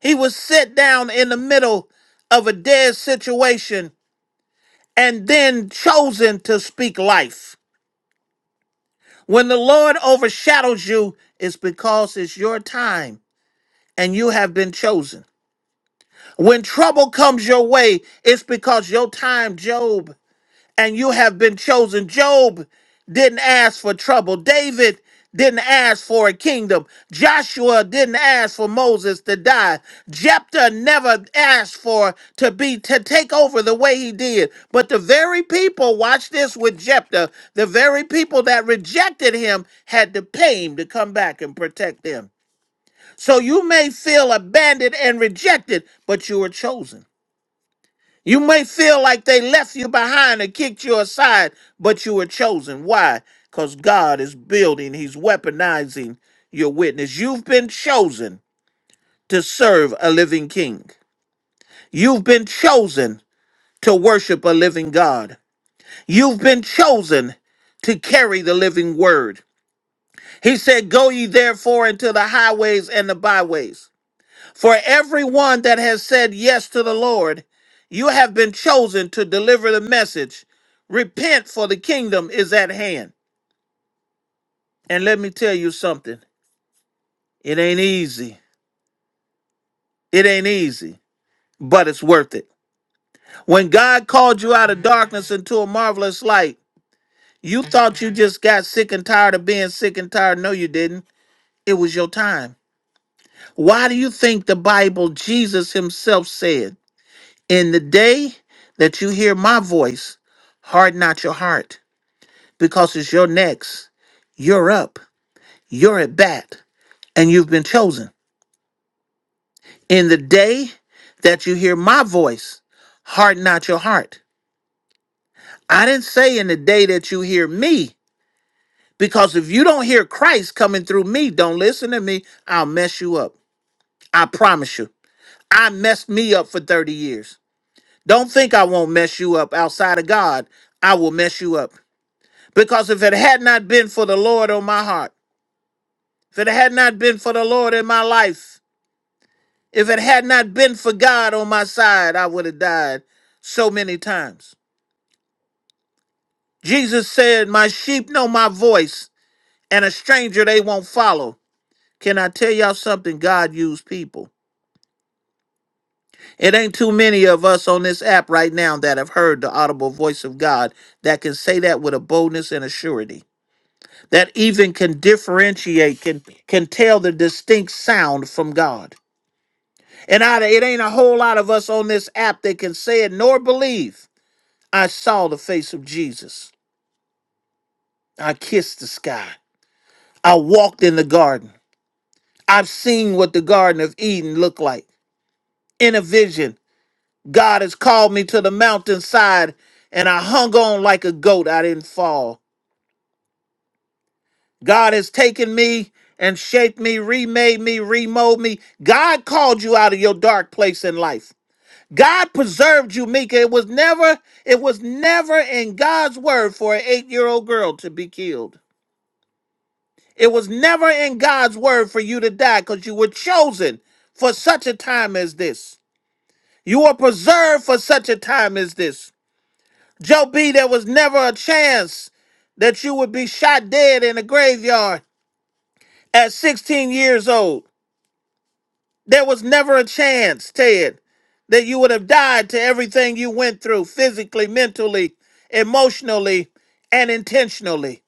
A: He was set down in the middle of a dead situation and then chosen to speak life. When the Lord overshadows you, it's because it's your time and you have been chosen. When trouble comes your way, it's because your time, Job. and you have been chosen. Job didn't ask for trouble. David didn't ask for a kingdom. Joshua didn't ask for Moses to die. Jephthah never asked for to be to take over the way he did. But the very people, watch this with Jephthah, the very people that rejected him had to pay him to come back and protect them. So you may feel abandoned and rejected, but you were chosen. You may feel like they left you behind and kicked you aside, but you were chosen. Why? Because God is building, He's weaponizing your witness. You've been chosen to serve a living king. You've been chosen to worship a living God. You've been chosen to carry the living word. He said, Go ye therefore into the highways and the byways. For everyone that has said yes to the Lord, you have been chosen to deliver the message. Repent, for the kingdom is at hand. And let me tell you something it ain't easy. It ain't easy, but it's worth it. When God called you out of darkness into a marvelous light, you thought you just got sick and tired of being sick and tired. No, you didn't. It was your time. Why do you think the Bible, Jesus himself said? In the day that you hear my voice, harden not your heart, because it's your next. You're up, you're at bat, and you've been chosen. In the day that you hear my voice, harden not your heart. I didn't say in the day that you hear me, because if you don't hear Christ coming through me, don't listen to me, I'll mess you up. I promise you. I messed me up for 30 years. Don't think I won't mess you up outside of God. I will mess you up. Because if it had not been for the Lord on my heart, if it had not been for the Lord in my life, if it had not been for God on my side, I would have died so many times. Jesus said, My sheep know my voice, and a stranger they won't follow. Can I tell y'all something? God used people. It ain't too many of us on this app right now that have heard the audible voice of God that can say that with a boldness and a surety, that even can differentiate, can, can tell the distinct sound from God. And I, it ain't a whole lot of us on this app that can say it nor believe. I saw the face of Jesus. I kissed the sky. I walked in the garden. I've seen what the Garden of Eden looked like. In a vision, God has called me to the mountainside and I hung on like a goat. I didn't fall. God has taken me and shaped me, remade me, remolded me. God called you out of your dark place in life. God preserved you, Mika. It was never, it was never in God's word for an eight-year-old girl to be killed. It was never in God's word for you to die because you were chosen for such a time as this. You were preserved for such a time as this. Joe B, there was never a chance that you would be shot dead in a graveyard at 16 years old. There was never a chance, Ted, that you would have died to everything you went through physically, mentally, emotionally, and intentionally.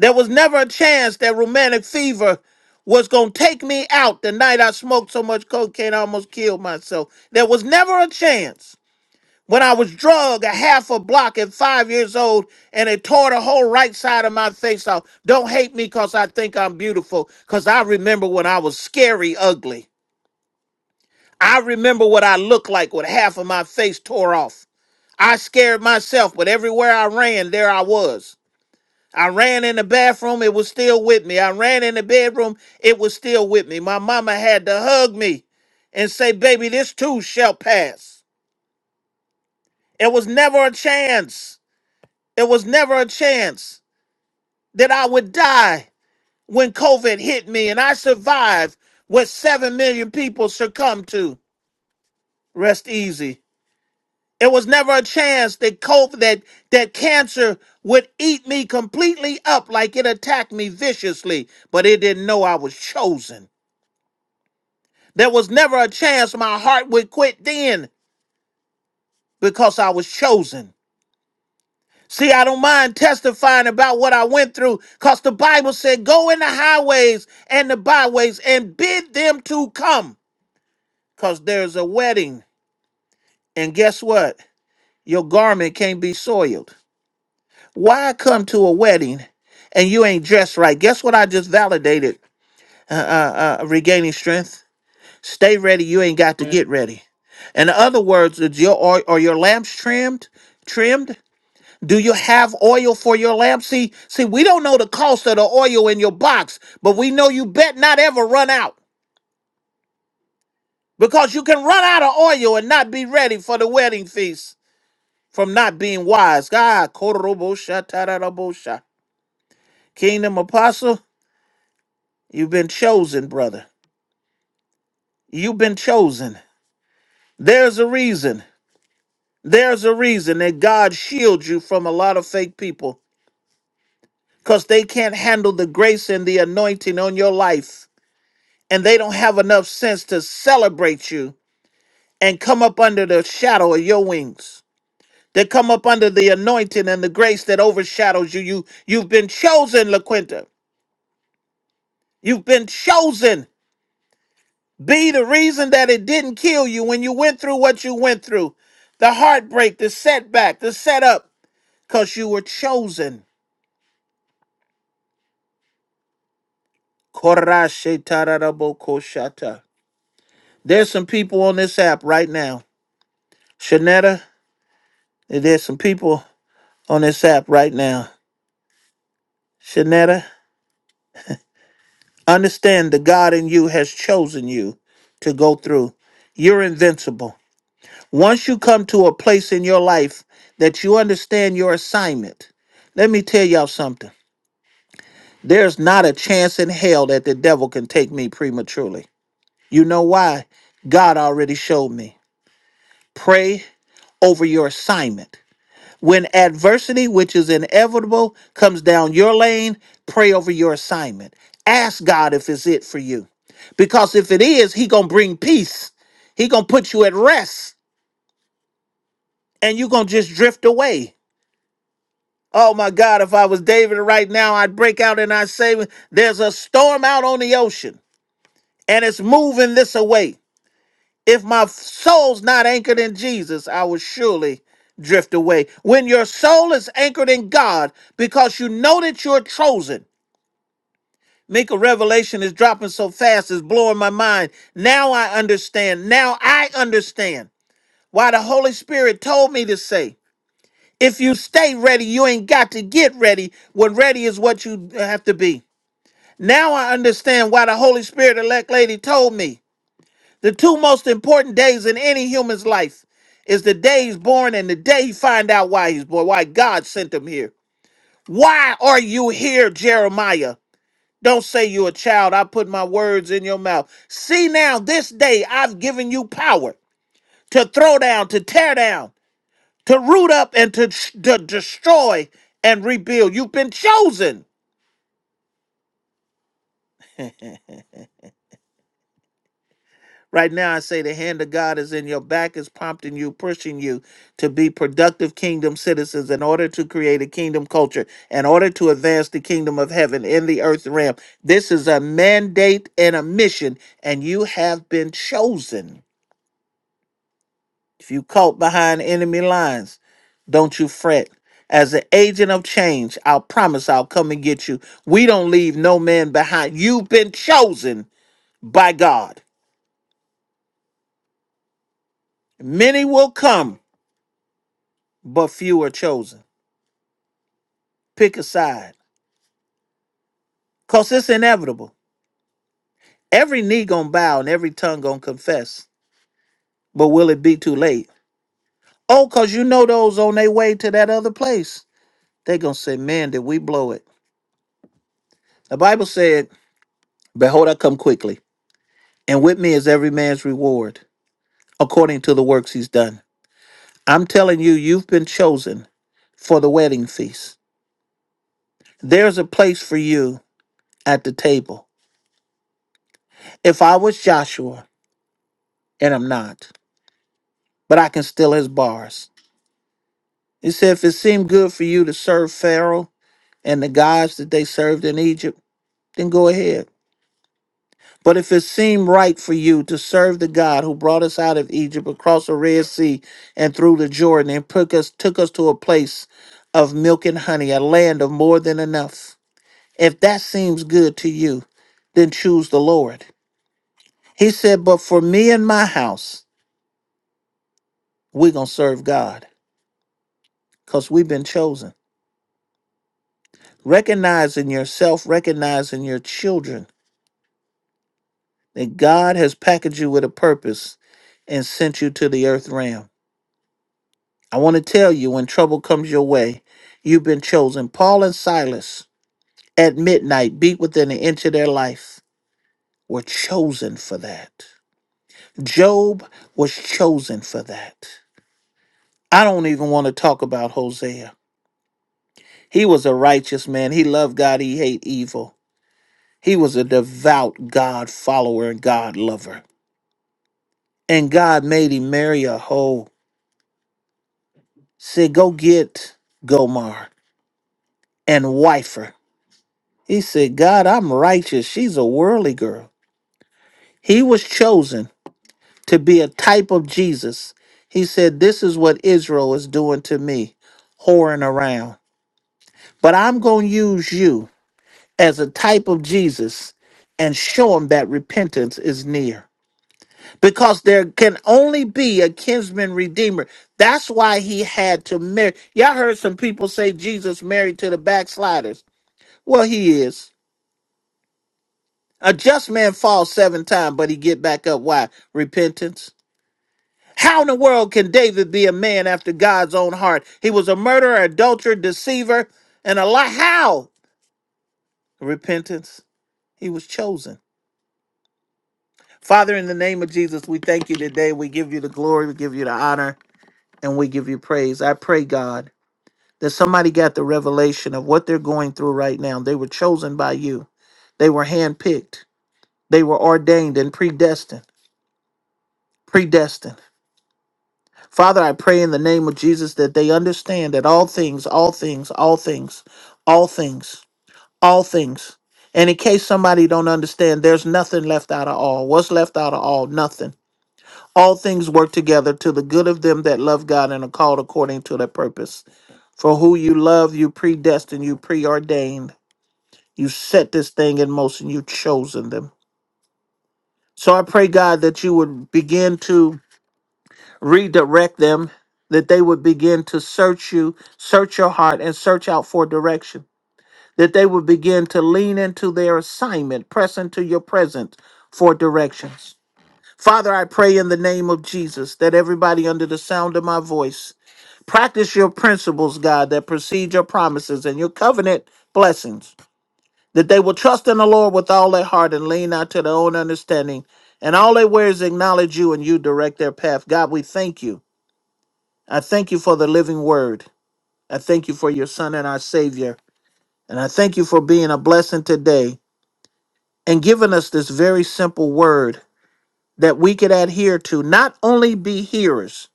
A: There was never a chance that romantic fever was going to take me out the night I smoked so much cocaine I almost killed myself. There was never a chance. When I was drugged a half a block at five years old and it tore the whole right side of my face off. Don't hate me because I think I'm beautiful because I remember when I was scary ugly. I remember what I looked like with half of my face tore off. I scared myself, but everywhere I ran, there I was. I ran in the bathroom, it was still with me. I ran in the bedroom, it was still with me. My mama had to hug me and say, Baby, this too shall pass. It was never a chance. It was never a chance that I would die when COVID hit me, and I survived what 7 million people succumbed to. Rest easy. It was never a chance that COVID, that that cancer would eat me completely up like it attacked me viciously, but it didn't know I was chosen. There was never a chance my heart would quit then because I was chosen. See, I don't mind testifying about what I went through because the Bible said, Go in the highways and the byways and bid them to come because there's a wedding. And guess what? Your garment can't be soiled. Why come to a wedding and you ain't dressed right? Guess what I just validated uh, uh, uh, regaining strength? Stay ready, you ain't got to get ready. In other words, is your are, are your lamps trimmed? Trimmed? Do you have oil for your lamp? See, see, we don't know the cost of the oil in your box, but we know you bet not ever run out because you can run out of oil and not be ready for the wedding feast from not being wise. God, Kingdom Apostle. You've been chosen, brother. You've been chosen. There's a reason. There's a reason that God shields you from a lot of fake people because they can't handle the grace and the anointing on your life. And they don't have enough sense to celebrate you and come up under the shadow of your wings. They come up under the anointing and the grace that overshadows you. you you've been chosen, LaQuinta. You've been chosen. Be the reason that it didn't kill you when you went through what you went through the heartbreak, the setback, the setup, because you were chosen. Korashe tararabo koshata. There's some people on this app right now. Shanetta, there's some people on this app right now. Shanetta, understand the God in you has chosen you to go through. You're invincible. Once you come to a place in your life that you understand your assignment, let me tell y'all something. There's not a chance in hell that the devil can take me prematurely. You know why? God already showed me. Pray over your assignment. When adversity, which is inevitable, comes down your lane, pray over your assignment. Ask God if it's it for you. Because if it is, he going to bring peace. He going to put you at rest and you going to just drift away. Oh my God, if I was David right now, I'd break out and I'd say, There's a storm out on the ocean. and it's moving this away. If my soul's not anchored in Jesus, I will surely drift away. When your soul is anchored in God, because you know that you're chosen. Mika Revelation is dropping so fast, it's blowing my mind. Now I understand. Now I understand why the Holy Spirit told me to say, if you stay ready, you ain't got to get ready when ready is what you have to be. Now I understand why the Holy Spirit elect lady told me The two most important days in any human's life is the day he's born and the day he find out why he's born, why God sent him here. Why are you here, Jeremiah? Don't say you're a child. I put my words in your mouth. See now, this day I've given you power to throw down, to tear down, to root up, and to, to destroy and rebuild. You've been chosen. Right now, I say the hand of God is in your back, is prompting you, pushing you to be productive kingdom citizens in order to create a kingdom culture, in order to advance the kingdom of heaven in the earth realm. This is a mandate and a mission, and you have been chosen. If you caught behind enemy lines, don't you fret. As an agent of change, I'll promise I'll come and get you. We don't leave no man behind. You've been chosen by God. Many will come but few are chosen. Pick a side, cause it's inevitable. Every knee gonna bow and every tongue gonna confess. But will it be too late? Oh, cause you know those on their way to that other place. They gonna say, man, did we blow it? The Bible said, behold, I come quickly, and with me is every man's reward, according to the works he's done. I'm telling you, you've been chosen for the wedding feast. There's a place for you at the table. If I was Joshua, and I'm not, but I can steal his bars. He said, If it seemed good for you to serve Pharaoh and the gods that they served in Egypt, then go ahead. But if it seemed right for you to serve the God who brought us out of Egypt across the Red Sea and through the Jordan and took us, took us to a place of milk and honey, a land of more than enough, if that seems good to you, then choose the Lord. He said, But for me and my house, we're going to serve God because we've been chosen. Recognizing yourself, recognizing your children that God has packaged you with a purpose and sent you to the earth realm. I want to tell you when trouble comes your way, you've been chosen. Paul and Silas at midnight, beat within an inch of their life, were chosen for that. Job was chosen for that. I don't even want to talk about Hosea. He was a righteous man. He loved God, he hated evil. He was a devout God follower and God lover. And God made him marry a hoe said, Go get Gomar and wife her. He said, God, I'm righteous. She's a worldly girl. He was chosen to be a type of Jesus. He said, This is what Israel is doing to me, whoring around. But I'm going to use you as a type of Jesus and show them that repentance is near. Because there can only be a kinsman redeemer. That's why he had to marry. Y'all heard some people say Jesus married to the backsliders. Well, he is. A just man falls seven times, but he get back up. Why? Repentance. How in the world can David be a man after God's own heart? He was a murderer, adulterer, deceiver, and a lie. How? Repentance. He was chosen. Father, in the name of Jesus, we thank you today. We give you the glory, we give you the honor, and we give you praise. I pray, God, that somebody got the revelation of what they're going through right now. They were chosen by you, they were handpicked, they were ordained and predestined. Predestined. Father, I pray in the name of Jesus that they understand that all things, all things, all things, all things, all things. And in case somebody don't understand, there's nothing left out of all. What's left out of all? Nothing. All things work together to the good of them that love God and are called according to their purpose. For who you love, you predestined, you preordained. You set this thing in motion. You chosen them. So I pray, God, that you would begin to redirect them that they would begin to search you search your heart and search out for direction that they would begin to lean into their assignment press into your presence for directions father i pray in the name of jesus that everybody under the sound of my voice practice your principles god that precede your promises and your covenant blessings that they will trust in the lord with all their heart and lean not to their own understanding and all they wear is acknowledge you and you direct their path god we thank you I thank you for the living word. I thank you for your son and our savior. And I thank you for being a blessing today and giving us this very simple word that we could adhere to, not only be hearers,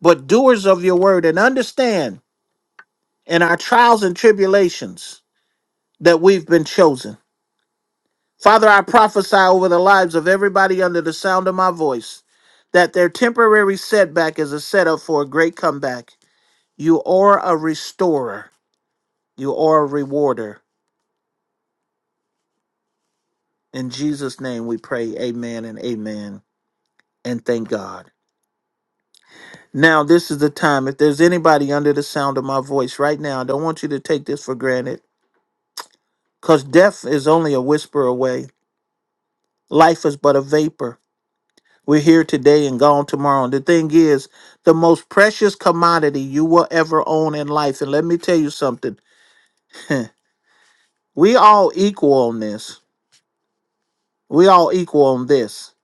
A: but doers of your word and understand in our trials and tribulations that we've been chosen. Father, I prophesy over the lives of everybody under the sound of my voice that their temporary setback is a setup for a great comeback. You are a restorer, you are a rewarder. In Jesus' name we pray, amen and amen, and thank God. Now, this is the time. If there's anybody under the sound of my voice right now, I don't want you to take this for granted because death is only a whisper away. Life is but a vapor. We're here today and gone tomorrow. And the thing is, the most precious commodity you will ever own in life. And let me tell you something we all equal on this. We all equal on this.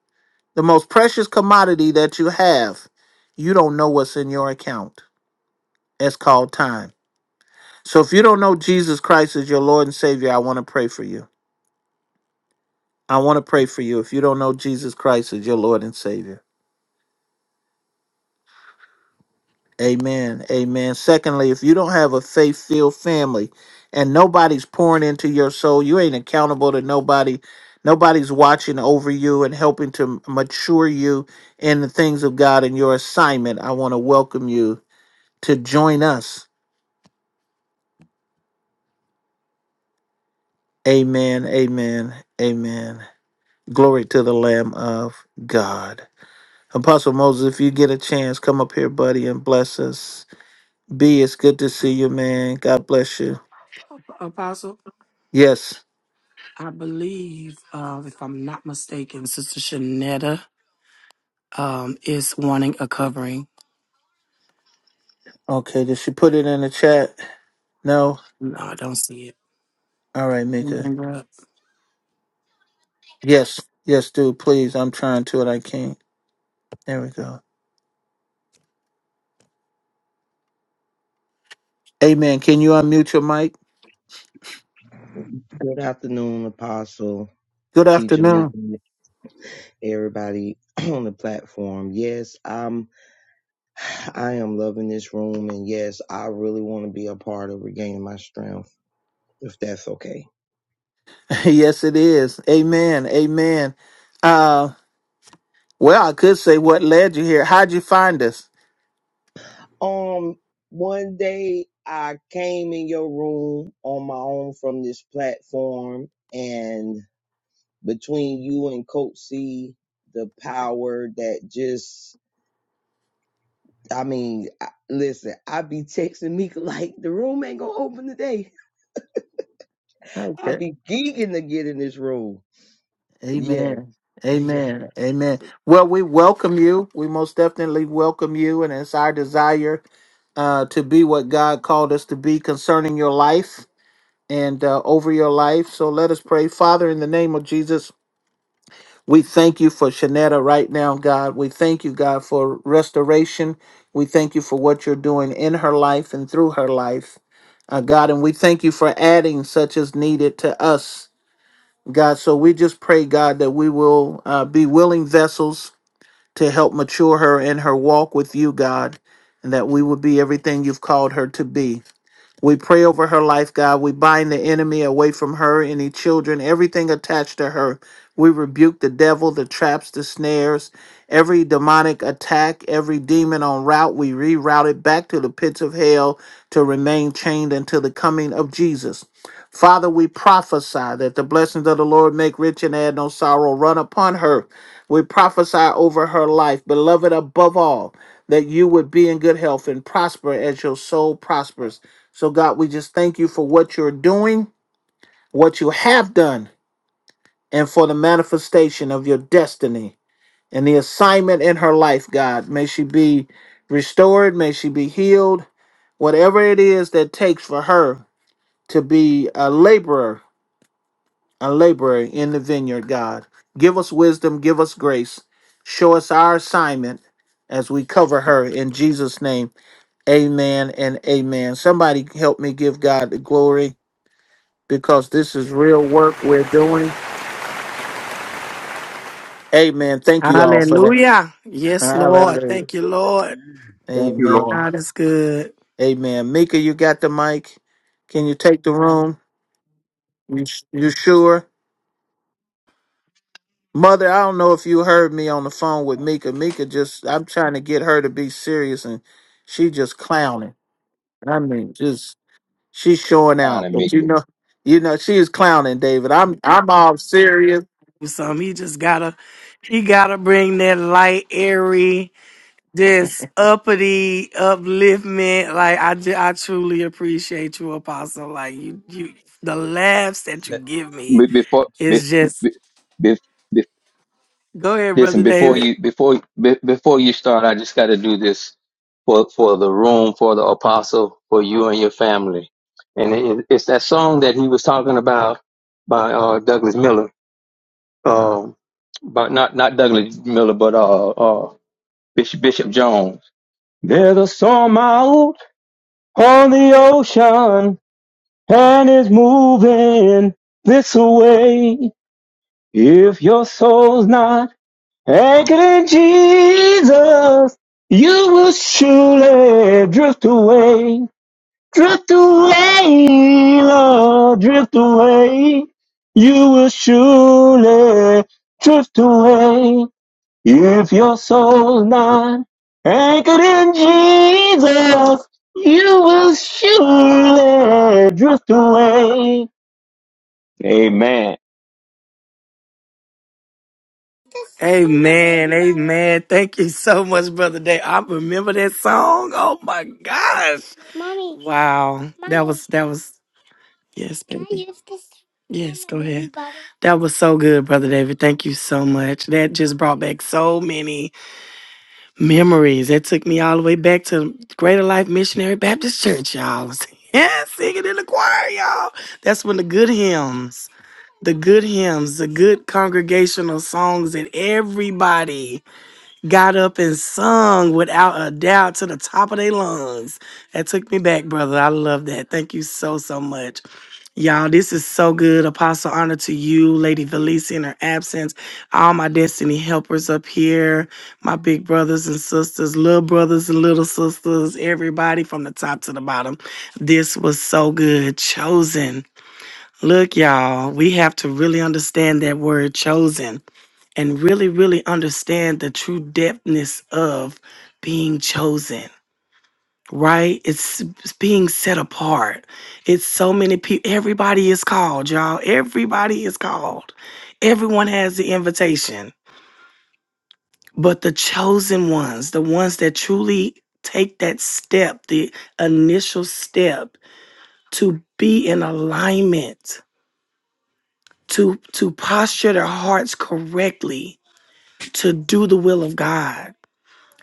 A: The most precious commodity that you have, you don't know what's in your account. It's called time. So if you don't know Jesus Christ as your Lord and Savior, I want to pray for you. I want to pray for you if you don't know Jesus Christ as your Lord and Savior. Amen. Amen. Secondly, if you don't have a faith filled family and nobody's pouring into your soul, you ain't accountable to nobody. Nobody's watching over you and helping to mature you in the things of God and your assignment. I want to welcome you to join us. Amen. Amen. Amen. Glory to the Lamb of God. Apostle Moses, if you get a chance, come up here, buddy, and bless us. B, it's good to see you, man. God bless you.
B: Apostle,
A: Yes.
B: I believe, uh, if I'm not mistaken, Sister Shanetta um, is wanting a covering.
A: Okay, did she put it in the chat? No?
B: No, I don't see it.
A: All right,
B: Don't
A: Mika.
B: Bring her up.
A: Yes. Yes, dude, please. I'm trying to and I can't. There we go. Amen. Can you unmute your mic?
C: Good afternoon, Apostle,
A: Good
C: Teacher
A: afternoon.
C: Meekin, everybody on the platform. Yes, I'm I am loving this room and yes, I really want to be a part of regaining my strength, if that's okay.
A: yes, it is. Amen. Amen. Uh, well, I could say what led you here. How'd you find us?
C: Um one day I came in your room on my own from this platform and between you and Coach C, the power that just I mean, I, listen, I be texting Meek like the room ain't gonna open today. I
A: Okay.
C: be geeking to get in this room. Yeah,
A: Amen.
C: yeah.
A: Amen. Amen. Well, we welcome you. We most definitely welcome you, and it's our desire uh, to be what God called us to be concerning your life and uh, over your life. So let us pray. Father, in the name of Jesus, we thank you for Shanetta right now, God. We thank you, God, for restoration. We thank you for what you're doing in her life and through her life, uh, God. And we thank you for adding such as needed to us God. So we just pray, God, that we will uh, be willing vessels to help mature her in her walk with you, God, and that we will be everything you've called her to be. We pray over her life, God. We bind the enemy away from her, any children, everything attached to her. We rebuke the devil, the traps, the snares, every demonic attack, every demon on route. We reroute it back to the pits of hell to remain chained until the coming of Jesus. Father, we prophesy that the blessings of the Lord make rich and add no sorrow run upon her. We prophesy over her life, beloved above all, that you would be in good health and prosper as your soul prospers. So, God, we just thank you for what you're doing, what you have done, and for the manifestation of your destiny and the assignment in her life, God. May she be restored, may she be healed, whatever it is that takes for her to be a laborer, a laborer in the vineyard, God. Give us wisdom, give us grace, show us our assignment as we cover her in Jesus' name. Amen and amen. Somebody help me give God the glory. because this is real work we're doing. Amen. Thank you all for that.
B: Hallelujah. Yes, Lord.
A: Hallelujah.
B: Thank you, Lord.
A: Amen.
B: God is good.
A: Amen. Mika, you got the mic. Can you take the room? You you sure? Mother, I don't know if you heard me on the phone with Mika. Mika just I'm trying to get her to be serious and she just clowning. I mean, just she's showing
D: down
A: out.
D: and
A: But
D: make
A: you
D: it
A: know, you know, she is clowning, David. I'm I'm all serious.
B: So he just gotta, he gotta bring that light, airy, this uppity, upliftment. Like I, ju- I truly appreciate you, Apostle. Like you, you, the laughs that you
D: Let,
B: give me
D: Be- before. Be,
B: is just.
D: be, be, be-
B: Go ahead,
D: listen
B: brother
D: before
B: David.
D: you before be, before you start. I just got to do this for for the room for the apostle for you and your family, and it, it's that song that he was talking about by uh, Douglas Miller. Um, but not not Douglas Miller, but uh, uh, Bishop Bishop Jones. There's a storm out on the ocean, and it's moving this way. If your soul's not anchored in Jesus, you will surely drift away, drift away, Lord, drift away. You will surely drift away if your soul's not anchored in Jesus. You will surely drift away. Amen.
B: Amen, amen. Thank you so much, Brother Day. I remember that song. Oh my gosh. Mommy. Wow. That Mommy. was that was yes, baby. Can I baby. use this? Yes, go ahead. bottle? That was so good, Brother David. Thank you so much. That just brought back so many memories. That took me all the way back to Greater Life Missionary Baptist Church, y'all. Yeah, singing in the choir, y'all. That's when the good hymns, the good hymns, the good congregational songs, and everybody got up and sung without a doubt to the top of their lungs. That took me back, brother. I love that. Thank you so, so much. Y'all, this is so good. Apostle honor to you, Lady Felicia in her absence, all my destiny helpers up here, my big brothers and sisters, little brothers and little sisters, everybody from the top to the bottom. This was so good. Chosen. Look, y'all, we have to really understand that word chosen and really, really understand the true depthness of being chosen, right? It's, it's being set apart. It's so many people. Everybody is called, y'all. Everybody is called. Everyone has the invitation, but the chosen ones, the ones that truly take that step, the initial step to be in alignment, to to posture their hearts correctly, to do the will of God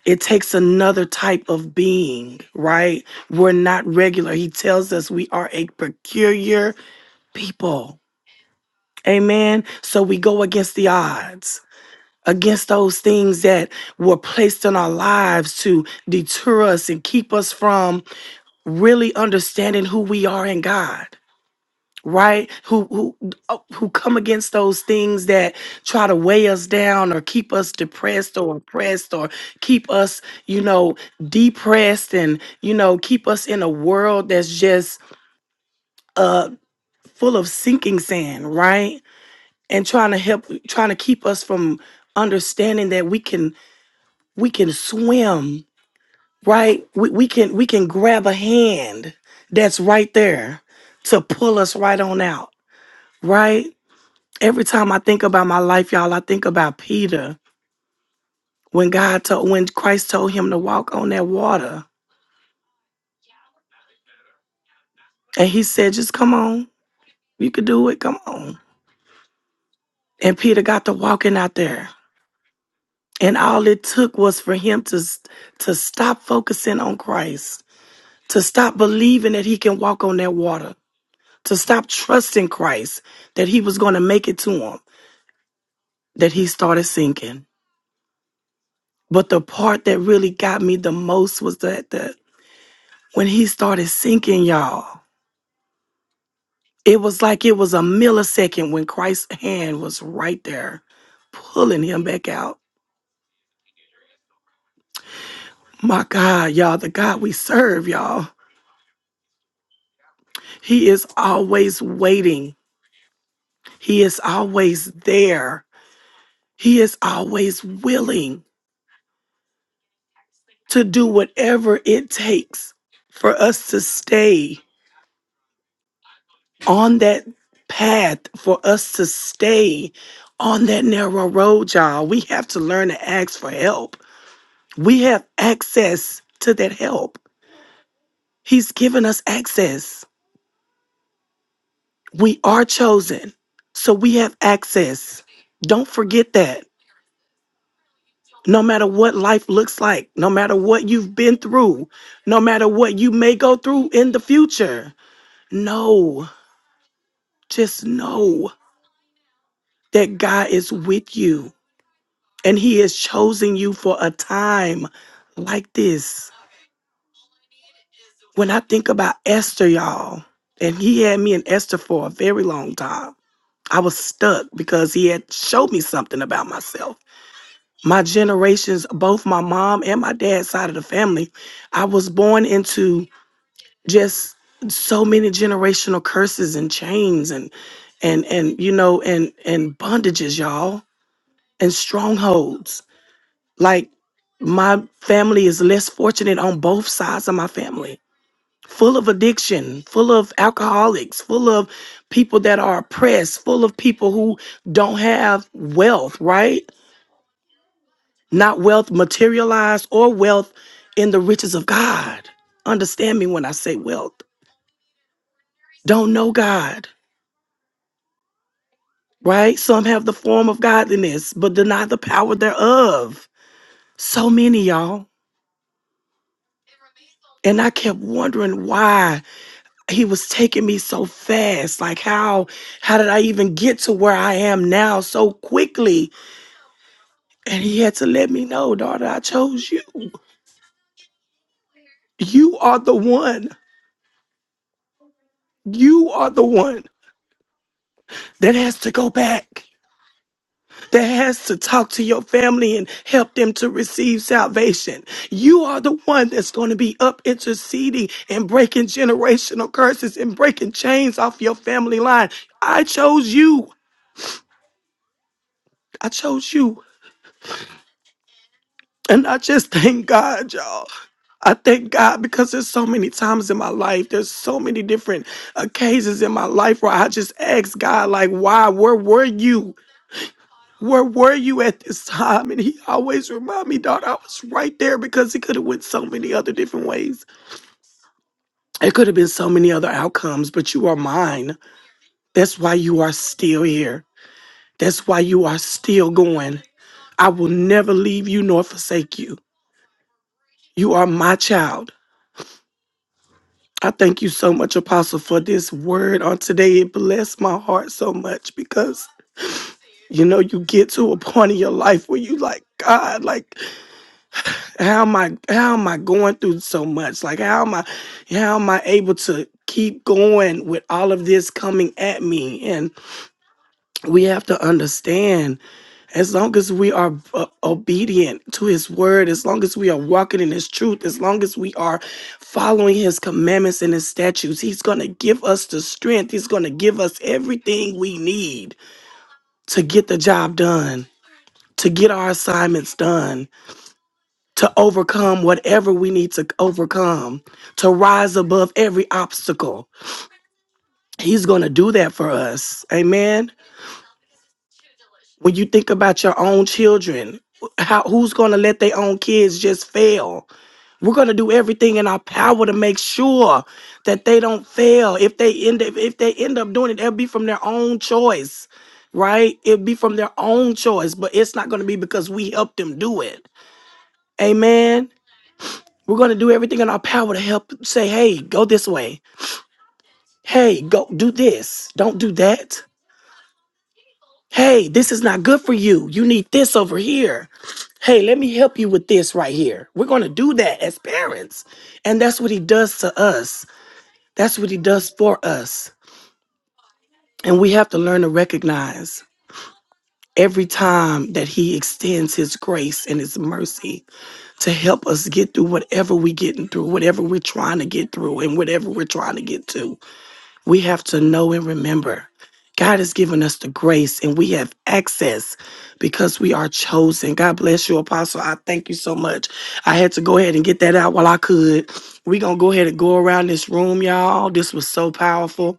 B: it takes another type of being, right? We're not regular. He tells us we are a peculiar people. Amen. So we go against the odds, against those things that were placed in our lives to deter us and keep us from really understanding who we are in God right who who uh, who come against those things that try to weigh us down or keep us depressed or oppressed or keep us you know depressed and you know keep us in a world that's just uh full of sinking sand right and trying to help trying to keep us from understanding that we can we can swim right we, we can we can grab a hand that's right there to pull us right on out right Every time I think about my life, y'all, I think about Peter when God told, when Christ told him to walk on that water, and he said, "Just come on, you could do it. Come on." And Peter got to walking out there, and all it took was for him to to stop focusing on Christ, to stop believing that he can walk on that water, to stop trusting Christ that he was going to make it to him. That he started sinking. But the part that really got me the most was that the when he started sinking, y'all. It was like it was a millisecond when Christ's hand was right there, pulling him back out. My God, y'all, the God we serve, y'all, He is always waiting. He is always there. He is always willing to do whatever it takes for us to stay on that path, for us to stay on that narrow road, y'all. We have to learn to ask for help. We have access to that help He's given us access. We are chosen. So we have access. Don't forget that. No matter what life looks like, no matter what you've been through, no matter what you may go through in the future, know, just know that God is with you and He has chosen you for a time like this. When I think about Esther, y'all, and He had me in Esther for a very long time I was stuck because he had showed me something about myself. My generations, both my mom and my dad's side of the family, I was born into just so many generational curses and chains and and and you know and and bondages, y'all, and strongholds. Like my family is less fortunate on both sides of my family full of addiction, full of alcoholics, full of people that are oppressed, full of people who don't have wealth, right? Not wealth materialized or wealth in the riches of God. Understand me when I say wealth. Don't know God, right? Some have the form of godliness, but deny the power thereof. So many, y'all. And I kept wondering why he was taking me so fast. Like how how did I even get to where I am now so quickly? And he had to let me know, daughter, I chose you. You are the one. You are the one that has to go back, that has to talk to your family and help them to receive salvation. You are the one that's going to be up interceding and breaking generational curses and breaking chains off your family line. I chose you. I chose you. And I just thank God, y'all. I thank God because there's so many times in my life, there's so many different occasions in my life where I just ask God, like, why, where were you? Where were you at this time? And he always remind me, daughter, I was right there because it could have went so many other different ways. It could have been so many other outcomes, but you are mine. That's why you are still here. That's why you are still going. I will never leave you nor forsake you. You are my child. I thank you so much, Apostle, for this word on today. It blessed my heart so much because you know you get to a point in your life where you like, God, like how am I how am I going through so much? Like how am I how am I able to keep going with all of this coming at me? And we have to understand as long as we are uh, obedient to his word, as long as we are walking in his truth, as long as we are following his commandments and his statutes, he's going to give us the strength. He's going to give us everything we need to get the job done, to get our assignments done, to overcome whatever we need to overcome, to rise above every obstacle. He's going to do that for us. Amen. When you think about your own children, how who's gonna let their own kids just fail? We're going to do everything in our power to make sure that they don't fail. If they end up, if they end up doing it, it'll be from their own choice, right? It'll be from their own choice, but it's not going to be because we helped them do it. Amen. We're going to do everything in our power to help say, "Hey, go this way. Hey, go do this. Don't do that. Hey, this is not good for you. You need this over here." Hey, let me help you with this right here. We're going to do that as parents. And that's what he does to us. That's what he does for us. And we have to learn to recognize every time that he extends his grace and his mercy to help us get through whatever we're getting through, whatever we're trying to get through, and whatever we're trying to get to. We have to know and remember God has given us the grace and we have access because we are chosen. God bless you, Apostle. I thank you so much. I had to go ahead and get that out while I could. We're going to go ahead and go around this room, y'all. This was so powerful.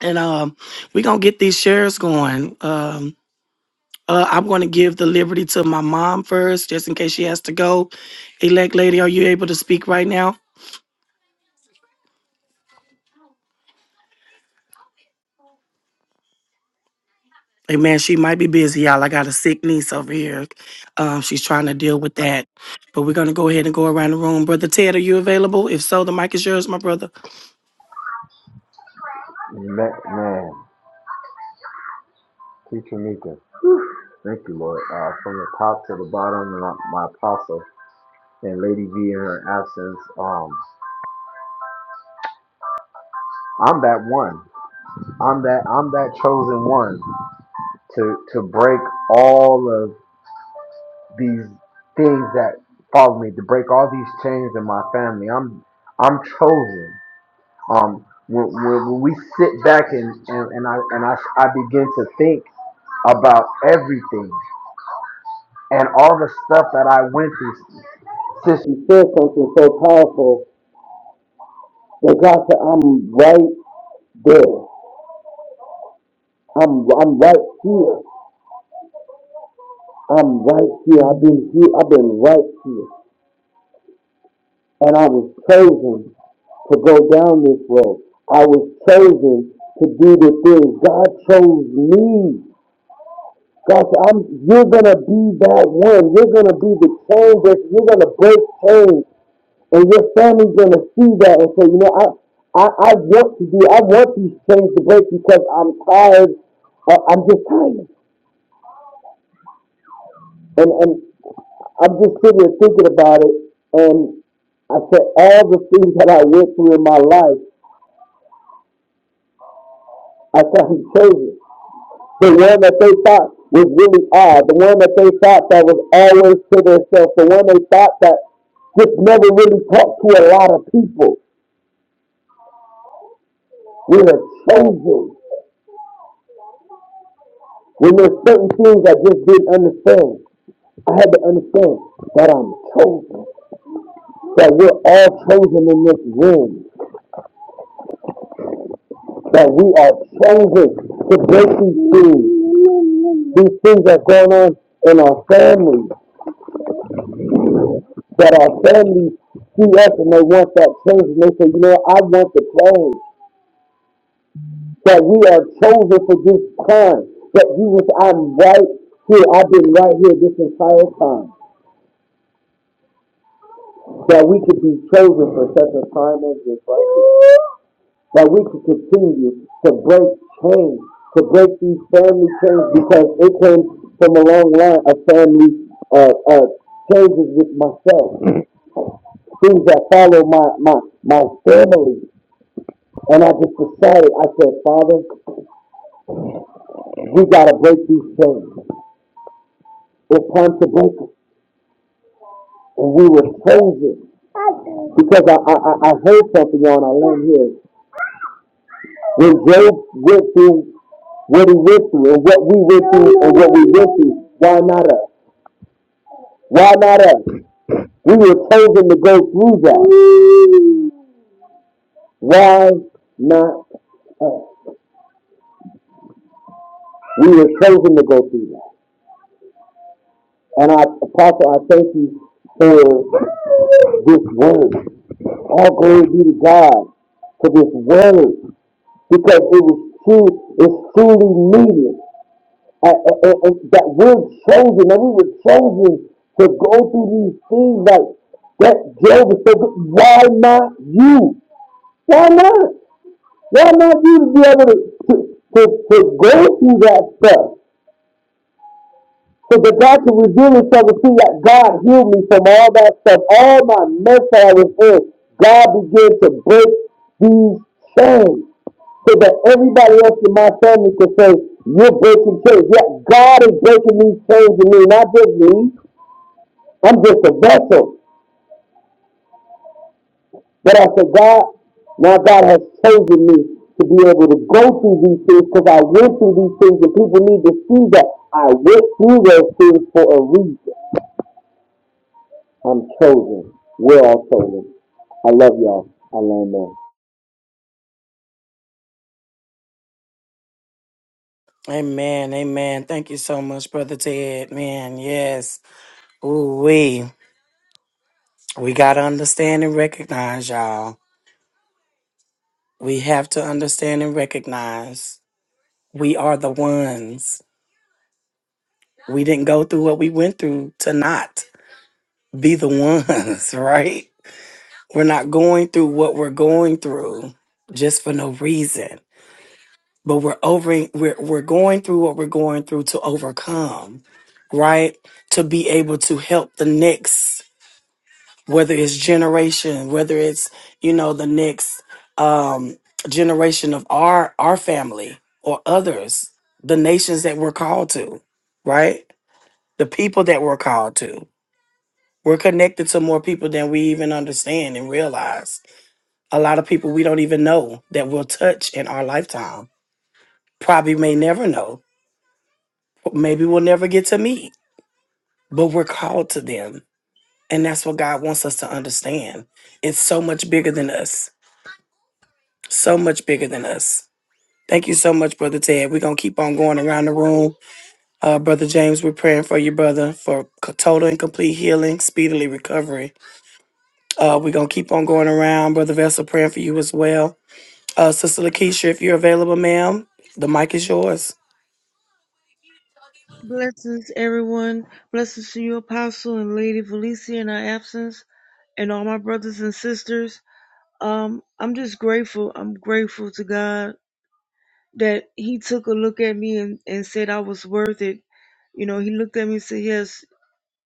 B: and um, we're gonna get these shares going. Um, uh, I'm gonna give the liberty to my mom first, just in case she has to go. Elect lady, are you able to speak right now? Hey man, she might be busy, y'all. I got a sick niece over here. Um, she's trying to deal with that, but we're gonna go ahead and go around the room. Brother Ted, are you available? If so, the mic is yours, my brother.
E: Teacher Mika. Thank you, Lord. Uh, from the top to the bottom, and uh, my apostle and Lady V in her absence. Um, I'm that one. I'm that. I'm that chosen one to to break all of these things that follow me. To break all these chains in my family. I'm I'm chosen. Um, when, when, when we sit back and, and, and I and I, I begin to think about everything and all the stuff that I went through. Since you said something so powerful, that God said, I'm right there. I'm I'm right here. I'm right here. I've been here. I've been right here. And I was chosen to go down this road. I was chosen to do it. God chose me. God said, I'm, you're gonna be that one. You're gonna be the change. You're gonna break change.'" And your family's gonna see that and say, you know, I, I, I want to do, I want these things to break because I'm tired. I- I'm just tired. And, and I'm just sitting here thinking about it. And I said, all the things that I went through in my life, I said, I'm chosen. The one that they thought was really odd, the one that they thought that was always to themselves, the one they thought that just never really talked to a lot of people. We are chosen when there's certain things I just didn't understand. I had to understand that I'm chosen, that we're all chosen in this room, that we are chosen to break these things. These things that are going on in our families, that our families see us and they want that change. And they say, you know, I want the change, that we are chosen for this time, that Jesus, I'm right here, I've been right here this entire time, that we could be chosen for such a time as this right here. that we can continue to break chains, to break these family chains, because it came from a long line of family uh, uh, changes with myself, things that follow my, my, my family. And I just decided, I said, Father, we got to break these chains. It's time to break them. And we were chosen because I, I, I heard something on I learned here. When Job went through what he went through and what we went through and what we went through, Why not us? Why not us? We were chosen to go through that. Why not us? We were chosen to go through that. And I, Apostle, I thank you for this word. All glory be to God for this word because it was true, it's truly needed. Uh, uh, uh, uh, that we're chosen, that we were chosen to go through these things like that Job is so good. Why not you? Why not? Why not you to be able to, to, to, to go through that stuff? So that God can reveal himself and see that God healed me from all that stuff, all my mess that I was in. God began to break these chains so that everybody else in my family can say, you're breaking chains. Yeah, God is breaking these chains in me, not just me. I'm just a vessel. But I said, God, now God has chosen me to be able to go through these things because I went through these things and people need to see that I went through those things for a reason. I'm chosen. We're all chosen. I love y'all. I learned that.
B: Amen, amen. Thank you so much, brother Ted. Man, yes. Ooh we We gotta understand and recognize y'all. We have to understand and recognize we are the ones. We didn't go through what we went through to not be the ones, right? We're not going through what we're going through just for no reason. But we're over we're we're going through what we're going through to overcome, right? To be able to help the next whether it's generation, whether it's you know the next um, generation of our our family or others, the nations that we're called to, right? The people that we're called to. We're connected to more people than we even understand and realize. A lot of people we don't even know that we'll touch in our lifetime. Probably may never know. Maybe we'll never get to meet, but we're called to them. And that's what God wants us to understand. It's so much bigger than us so much bigger than us. Thank you so much, Brother Ted. We're going to keep on going around the room. Uh, brother James, we're praying for you, brother, for c- total and complete healing, speedily recovery. Uh, we're going to keep on going around. Brother Vessel, praying for you as well. Uh, Sister Lakeisha, if you're available, ma'am, the mic is yours.
F: Blessings, everyone. Blessings to you, Apostle and Lady Felicia, in our absence, and all my brothers and sisters. Um, I'm just grateful. I'm grateful to God that He took a look at me and, and said I was worth it. You know, He looked at me and said, "Yes."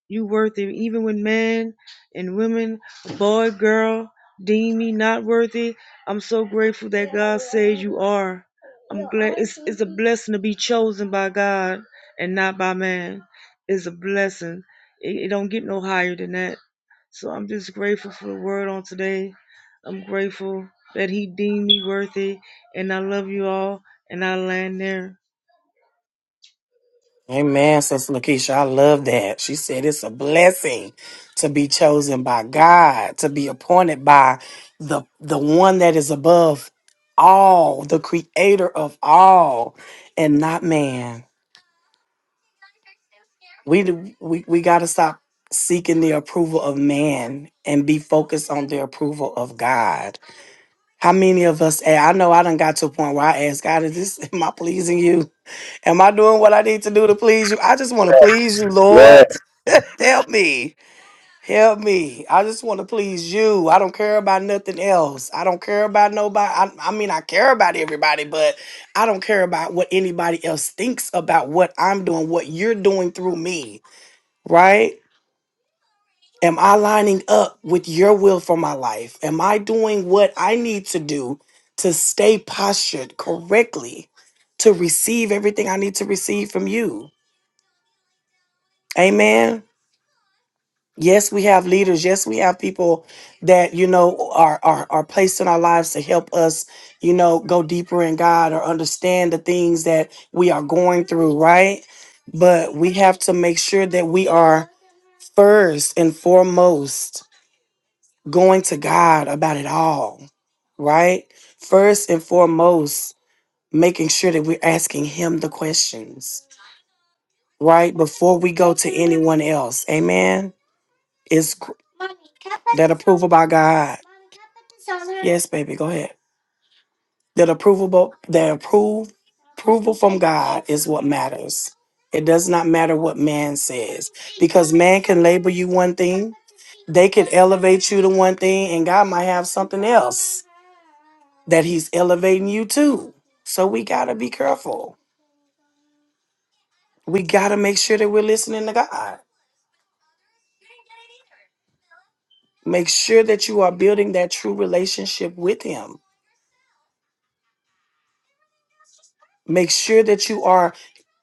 F: You worthy, even when men and women, boy, girl, deem me not worthy. I'm so grateful that God says you are. I'm glad it's it's a blessing to be chosen by God and not by man. It's a blessing. It, it don't get no higher than that. So I'm just grateful for the word on today. I'm grateful that He deemed me worthy, and I love you all. And I land there.
B: Amen, Sister Lakeisha. I love that. She said it's a blessing to be chosen by God, to be appointed by the the one that is above all, the creator of all, and not man. We do- we, we gotta stop seeking the approval of man and be focused on the approval of God. How many of us and I know I done got to a point where I ask God, is this am I pleasing you? Am I doing what I need to do to please you? I just want to please you, Lord. Help me. Help me. I just want to please you. I don't care about nothing else. I don't care about nobody. I, I mean, I care about everybody, but I don't care about what anybody else thinks about what I'm doing, what you're doing through me, right? Am I lining up with your will for my life? Am I doing what I need to do to stay postured correctly to receive everything I need to receive from you? Amen. Yes, we have leaders. Yes, we have people that you know are are are placed in our lives to help us, you know, go deeper in God or understand the things that we are going through, right? But we have to make sure that we are first and foremost going to God about it all, right? First and foremost, making sure that we're asking Him the questions, right? Before we go to anyone else. Amen is gr- that approval by God. Yes, baby, go ahead. That approval, the approve, approval from God is what matters. It does not matter what man says because man can label you one thing, they can elevate you to one thing, and God might have something else that He's elevating you to. So we got to be careful. We got to make sure that we're listening to God. Make sure that you are building that true relationship with Him. Make sure that you are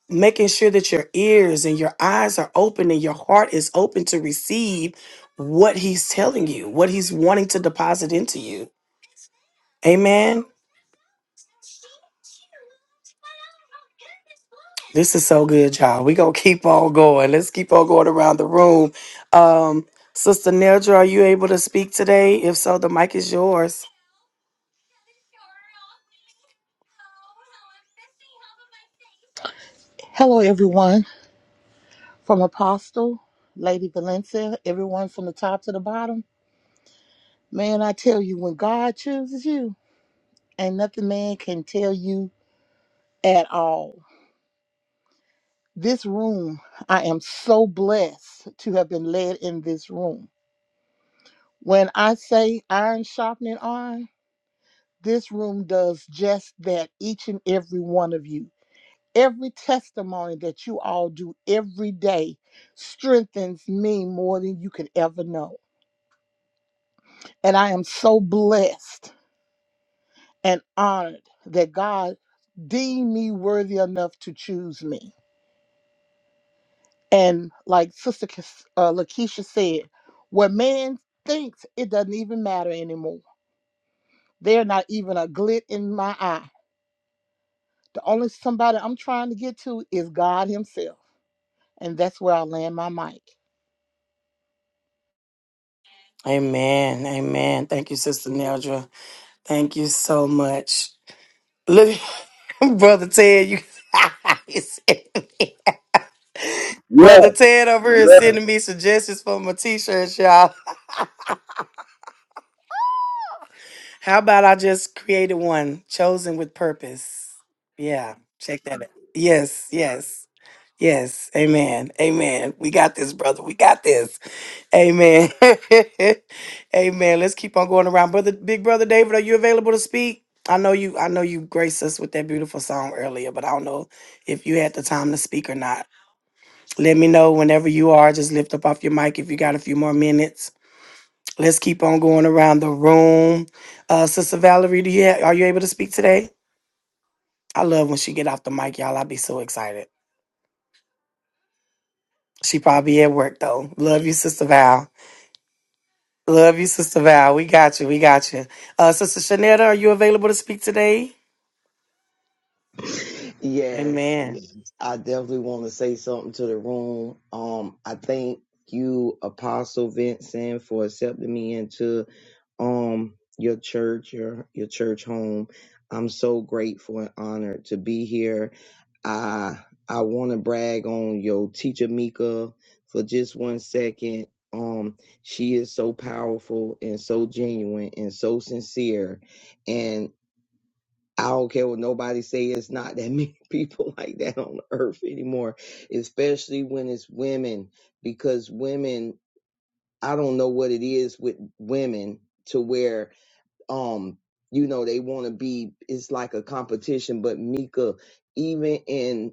B: making sure that your ears and your eyes are open and your heart is open to receive what he's telling you, what he's wanting to deposit into you. Amen. This is so good, y'all. We're gonna keep on going. Let's keep on going around the room. Um, Sister Nedra, are you able to speak today? If so, the mic is yours.
G: Hello, everyone. From Apostle, Lady Valencia, everyone from the top to the bottom. Man, I tell you, when God chooses you, ain't nothing man can tell you at all. This room, I am so blessed to have been led in this room. When I say iron sharpening iron, this room does just that, each and every one of you. Every testimony that you all do every day strengthens me more than you could ever know. And I am so blessed and honored that God deemed me worthy enough to choose me. And like Sister Kes- uh, Lakeisha said, what man thinks it doesn't even matter anymore. They're not even a glit in my eye. The only somebody I'm trying to get to is God Himself. And that's where I land my mic.
B: Amen. Amen. Thank you, Sister Neldra. Thank you so much. Look, Brother Ted, you. he said- Brother
E: Yes,
B: Ted over here
E: yes.
B: sending me suggestions for my t-shirts, y'all. How about I just created one, chosen with purpose? Yeah, check that out. Yes, yes, yes. Amen. Amen. We got this, brother. We got this. Amen. Amen. Let's keep on going around. Brother, big brother David, are you available to speak? I know you, I know you graced us with that beautiful song earlier, but I don't know if you had the time to speak or not. Let me know whenever you are. Just lift up off your mic if you got a few more minutes. Let's keep on going around the room. Uh, Sister Valerie, do you ha- are you able to speak today? I love when she get off the mic, y'all. I be so excited. She probably at work though. Love you, Sister Val. Love you, Sister Val. We got you. We got you. Uh, Sister Shanetta, are you available to speak today?
C: Yes,
B: Amen.
C: yes. I definitely want to say something to the room. Um, I thank you, Apostle Vincent, for accepting me into um your church, your your church home. I'm so grateful and honored to be here I I want to brag on your teacher Mika for just one second. Um, she is so powerful and so genuine and so sincere, and I don't care what nobody say. It's not that many people like that on the earth anymore, especially when it's women, because women. I don't know what it is with women to where um you know they want to be it's like a competition but mika even in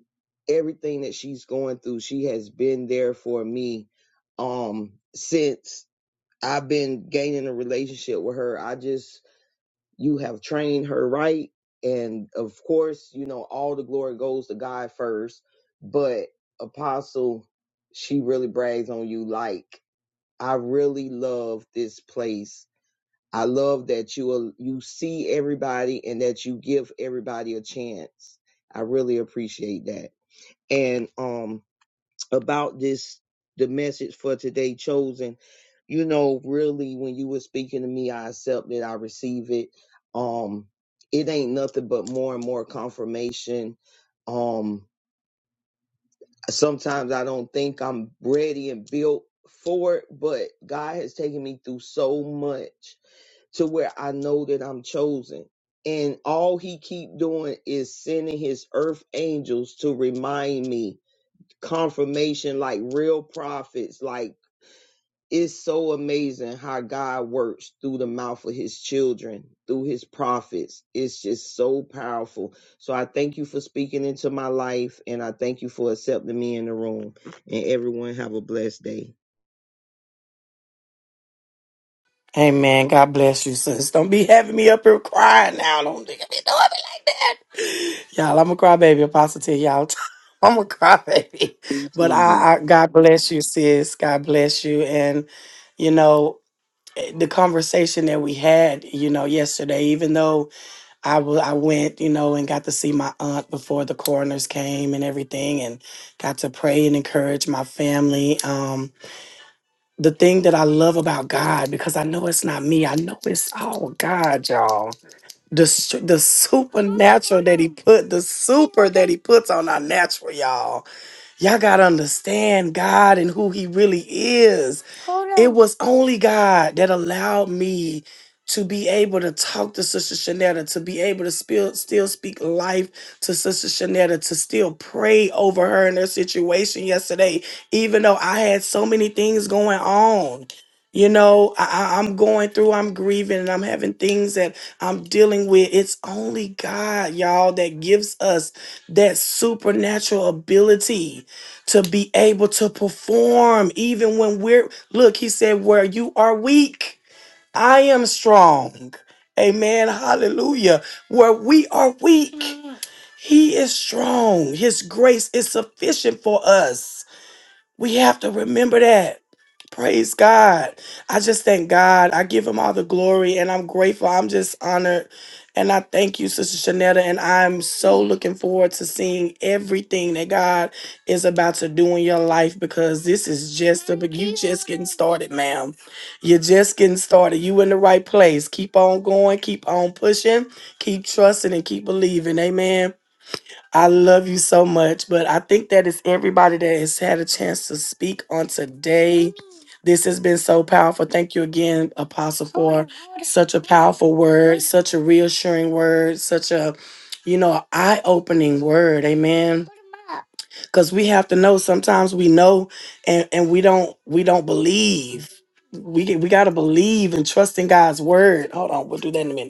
C: everything that she's going through she has been there for me um since i've been gaining a relationship with her i just you have trained her right and of course you know all the glory goes to god first but apostle she really brags on you like i really love this place I love that you will, you see everybody and that you give everybody a chance. I really appreciate that. And um about this the message for today chosen, you know, really when you were speaking to me, I accept it, I receive it. Um it ain't nothing but more and more confirmation. Um sometimes I don't think I'm ready and built for it, but God has taken me through so much to where I know that I'm chosen. And all he keep doing is sending his earth angels to remind me confirmation like real prophets, like it's so amazing how God works through the mouth of his children, through his prophets. It's just so powerful. So I thank you for speaking into my life and I thank you for accepting me in the room. And everyone have a blessed day.
B: Amen. God bless you, sis. Don't be having me up here crying now. Don't be do be doing me like that. Y'all, I'm a crybaby. Apostle to y'all, I'm a crybaby.
C: Me
B: But
C: too.
B: I, I, God bless you, sis. God bless you. And, you know, eh, the conversation that we had, you know, yesterday, even though I wa- I went, you know, and got to see my aunt before the coroners came and everything and got to pray and encourage my family. Um, the thing that I love about God, because I know it's not me, I know it's all God, y'all. The su- the supernatural that He put, the super that He puts on our natural, y'all. Y'all got to understand God and who He really is. It was only God that allowed me to be able to talk to Sister Shanetta, to be able to spill, still speak life to Sister Shanetta, to still pray over her and her situation yesterday, even though I had so many things going on. You know, I, I- I'm going through, I'm grieving, and I'm having things that I'm dealing with. It's only God, y'all, that gives us that supernatural ability to be able to perform even when we're look he said where you are weak i am strong amen hallelujah where we are weak Mm. he is strong his grace is sufficient for us we have to remember that. Praise God. I just thank God. I give him all the glory and I'm grateful. I'm just honored. And I thank you, Sister Shanetta. And I'm so looking forward to seeing everything that God is about to do in your life because this is just the be- you just getting started, ma'am. You're just getting started. You in the right place. Keep on going, keep on pushing, keep trusting, and keep believing. Amen. I love you so much. But I think that is everybody that has had a chance to speak on today. This has been so powerful. Thank you again, Apostle, for such a powerful word, such a reassuring word, such a, you know, eye opening word. Amen because we have to know sometimes we know and and we don't we don't believe we we got to believe and trust in god's word hold on we'll do that in a minute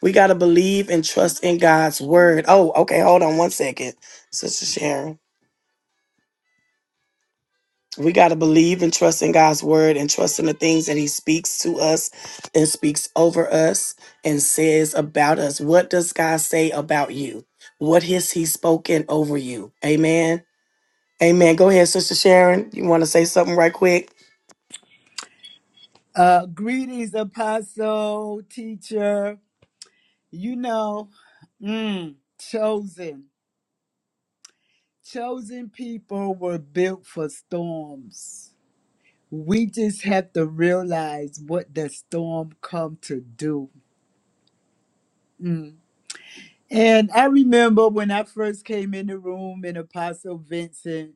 B: we got to believe and trust in God's word. Oh, okay. Hold on one second, Sister Sharon. We got to believe and trust in God's word and trust in the things that He speaks to us and speaks over us and says about us. What does God say about you? What has He spoken over you? Amen. Amen. Go ahead, Sister Sharon. You want to say something right quick?
H: Uh, greetings, apostle, teacher. You know, mm, chosen. Chosen people were built for storms. We just have to realize what the storm come to do. Mm. And I remember when I first came in the room and Apostle Vincent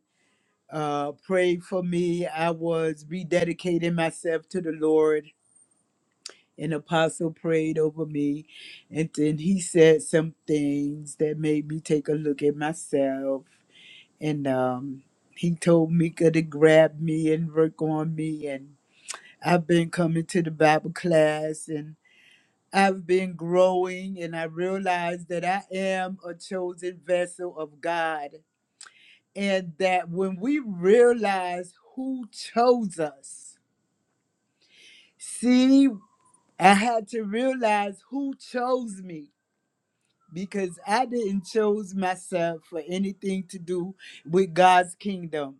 H: uh, prayed for me. I was rededicating myself to the Lord An apostle prayed over me and then he said some things that made me take a look at myself and um he told Mika to grab me and work on me and I've been coming to the Bible class and I've been growing and I realized that I am a chosen vessel of God and that when we realize who chose us see I had to realize who chose me because I didn't choose myself for anything to do with God's kingdom.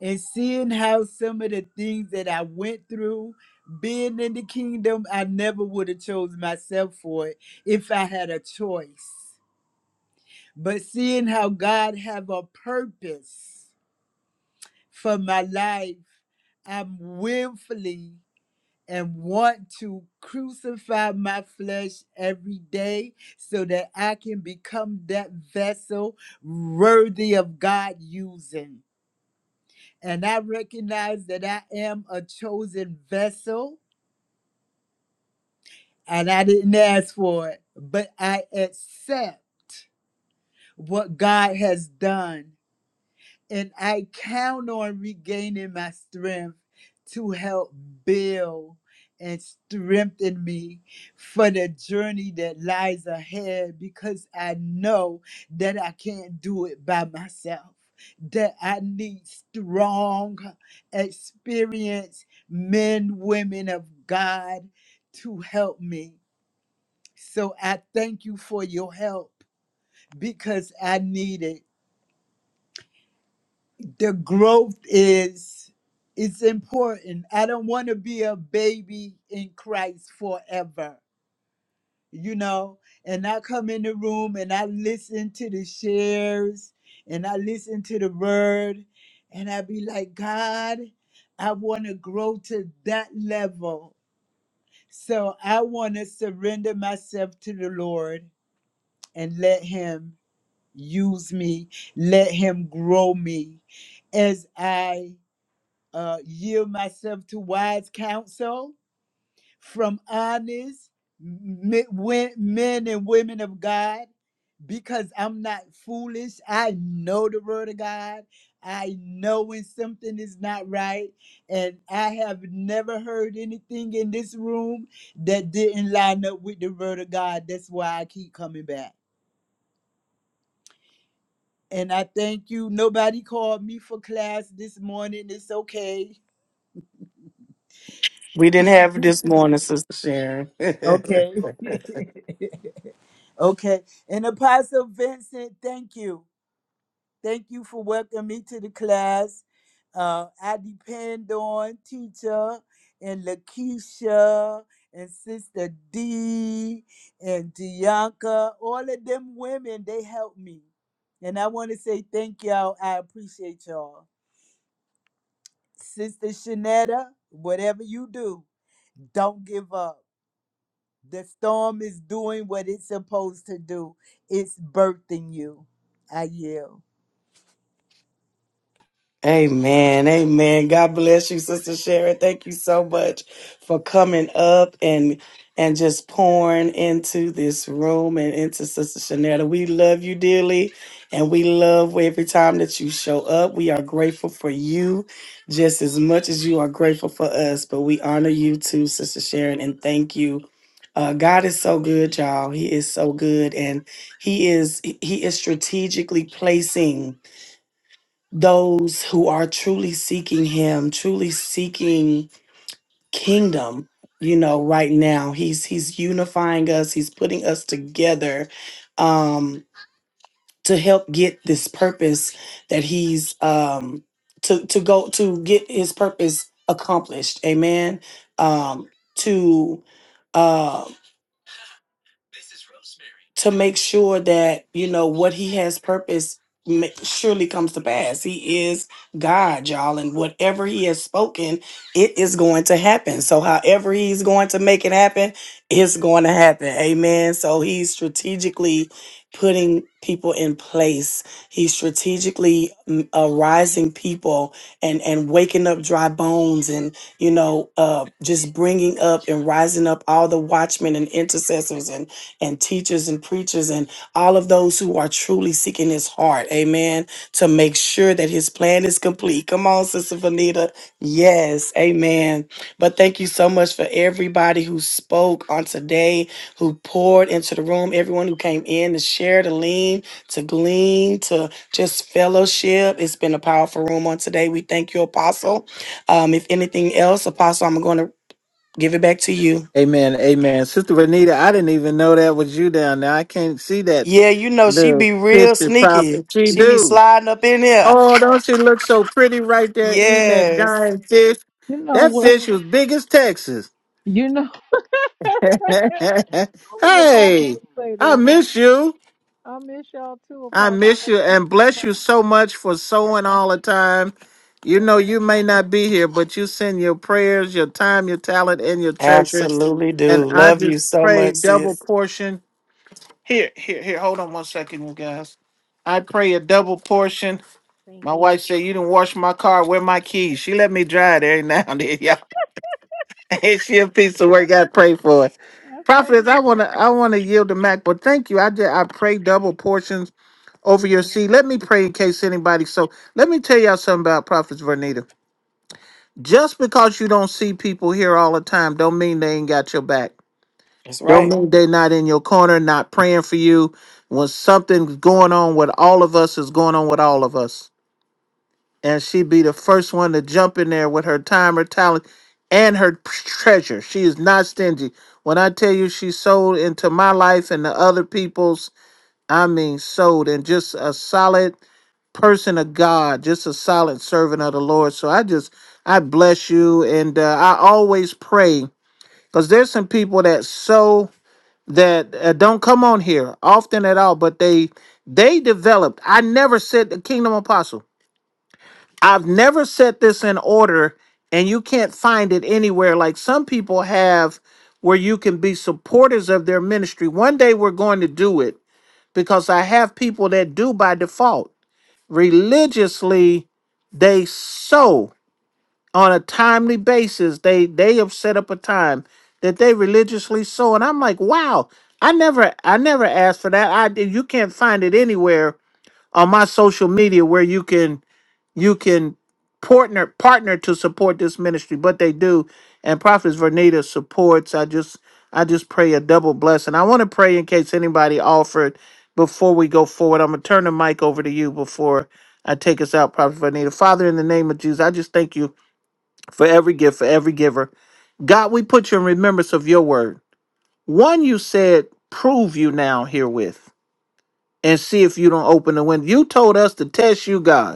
H: And seeing how some of the things that I went through being in the kingdom, I never would have chose myself for it if I had a choice. But seeing how God have a purpose for my life, I'm willfully and want to crucify my flesh every day so that I can become that vessel worthy of God using. And I recognize that I am a chosen vessel and I didn't ask for it, but I accept what God has done and I count on regaining my strength to help build and strengthen me for the journey that lies ahead because I know that I can't do it by myself. That I need strong, experienced men, women of God to help me. So I thank you for your help because I need it. the growth is it's important. I don't want to be a baby in Christ forever, you know. And I come in the room and I listen to the shares and I listen to the word and I be like, God, I want to grow to that level. So I want to surrender myself to the Lord and let Him use me, let Him grow me as I uh, yield myself to wise counsel from honest men, and women of God because I'm not foolish. I know the word of God. I know when something is not right. And I have never heard anything in this room that didn't line up with the word of God. That's why I keep coming back. And I thank you. Nobody called me for class this morning. It's okay.
B: We didn't have it this morning, Sister Sharon.
H: Okay. Okay. And Apostle Vincent, thank you. Thank you for welcoming me to the class. Uh, I depend on teacher and Lakeisha and Sister D and Dianca. All of them women, they helped me. And I want to say thank y'all. I appreciate y'all. Sister Shanetta, whatever you do, don't give up. The storm is doing what it's supposed to do. It's birthing you. I yield.
B: Amen. Amen. God bless you, Sister Sharon. Thank you so much for coming up and and just pouring into this room and into Sister Shanetta. We love you dearly and we love every time that you show up. We are grateful for you just as much as you are grateful for us, but we honor you too, Sister Sharon, and thank you. Uh, God is so good, y'all. He is so good, and He is He is strategically placing those who are truly seeking him truly seeking kingdom you know right now he's he's unifying us he's putting us together um to help get this purpose that he's um to to go to get his purpose accomplished amen um to uh, to make sure that you know what he has purpose ma- surely comes to pass he is god y'all and whatever he has spoken it is going to happen so however he's going to make it happen it's going to happen amen so he's strategically putting people in place he's strategically mm, arising people and and waking up dry bones and you know uh just bringing up and rising up all the watchmen and intercessors and and teachers and preachers and all of those who are truly seeking his heart. Amen. To make sure that his plan is complete. Come on, Sister Vanita. Yes. Amen. But thank you so much for everybody who spoke on today, who poured into the room, everyone who came in to share, to lean, to glean, to just fellowship. It's been a powerful room on today. We thank you, Apostle. Um, if anything else, Apostle, I'm going to give it back to you.
A: Amen. Amen. Sister Renita, I didn't even know that was you down there. I can't see that
B: Yeah, you know, she
A: Do
B: be real
A: fifty profit.
B: sneaky.
A: She
B: She be
A: do.
B: sliding up in there.
A: Oh, don't she look so pretty right there eating that
B: Yes.
A: giant fish?
I: You know
A: That
I: what?
A: fish was big as Texas.
I: You know. Only apostles
A: hey,
I: say
A: I
I: that. Too.
A: miss you.
I: I miss y'all too,
A: I
I: apostles.
A: miss you and bless you so much for
I: Yes,
A: sewing all the time. You
I: yes.
A: know you may not be here, but you send your prayers, your time, your talent, and your treasure.
B: Absolutely
A: And
B: do.
A: I
B: Love you
A: just
B: so
A: pray
B: much,
A: double
B: sis.
A: portion. Here, here, here. Hold on one second, you guys. I pray a double portion
I: Thank
A: My
I: you.
A: wife said, You didn't wash my car. Where my keys? She let me drive it every now and then, y'all. Ain't she a piece of work? Gotta pray for it.
I: That's like
A: Prophetess, I wanna I wanna yield to Mac, but thank you. I did I pray double portions over your seed. Let me pray in case anybody so let me tell y'all something about Prophetess Vernita. Just because you don't see people here all the time, don't mean they ain't got your back.
B: That's
A: Don't
B: right.
A: mean they not in your corner, not praying for you. When something's going on with all of us, is going on with all of us. and she be the first one to jump in there with her time, her talent, and her treasure. She is not stingy. When I tell you she sold into my life and the other people's, I mean sold and just a solid person of God, just a solid servant of the Lord. So I just I bless you, and uh, I always pray because there's some people that so that uh, don't come on here often at all, but they they developed. I never said the kingdom apostle. I've never set this in order and you can't find it anywhere like some people have where you can be supporters of their ministry. One day we're going to do it because I have people that do by default. Religiously, they sow on a timely basis. They they have set up a time that they religiously sow. And I'm like, wow, I never I never asked for that. I you can't find it anywhere on my social media where you can you can partner partner to support this ministry but they do and prophetess vernita supports i just i just pray a double blessing i want to pray in case anybody offered before we go forward i'm gonna turn the mic over to you before i take us out prophet vernita father in the name of jesus i just thank you for every gift for every giver god we put you in remembrance of your word one you said prove you now herewith and see if you don't open the window you told us to test you god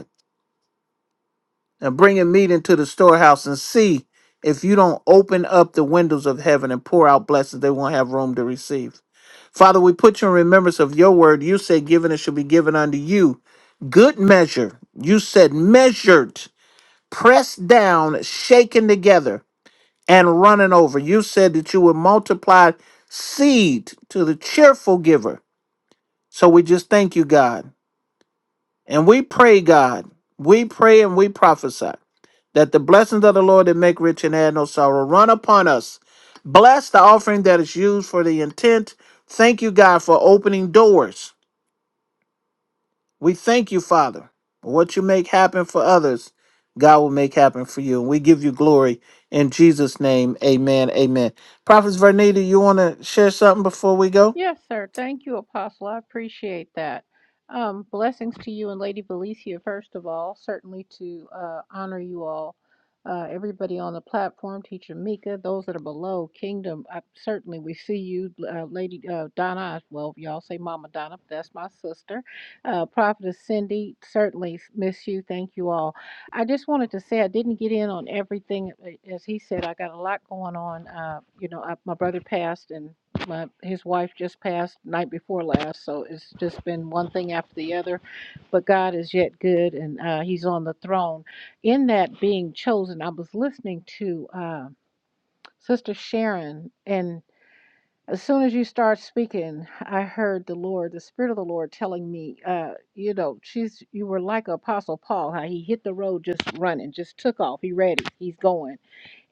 A: and bringing meat into the storehouse and see if you don't open up the windows of heaven and pour out blessings they won't have room to receive father we put you in remembrance of your word you said given it shall be given unto you good measure you said measured pressed down shaken together and running over you said that you would multiply seed to the cheerful giver so we just thank you god and we pray god we pray and we prophesy that the blessings of the Lord that make rich and add no sorrow run upon us. Bless the offering that is used for the intent. Thank you, God, for opening doors. We thank you, Father. What you make happen for others, God will make happen for you. And we give you glory in Jesus' name. Amen. Amen. Prophets Vernita, you want to share something before we go?
I: Yes, sir. Thank you, Apostle. I appreciate that. Um, blessings to you and Lady Valicia, first of all. Certainly to uh, honor you all, uh, everybody on the platform, Teacher Mika, those that are below, Kingdom. I, certainly, we see you, uh, Lady uh, Donna. Well, y'all say Mama Donna, but that's my sister. Uh, Prophetess Cindy, certainly miss you. Thank you all. I just wanted to say I didn't get in on everything. uh, As he said, I got a lot going on. Uh, you know, I, my brother passed and my his wife just passed night before last, so it's just been one thing after the other. But God is yet good, and uh, He's on the throne. In that being chosen, I was listening to uh, Sister Sharon, and as soon as you start speaking, I heard the Lord, the Spirit of the Lord, telling me, uh, you know, she's you were like Apostle Paul, how he hit the road just running, just took off. He ready, he's going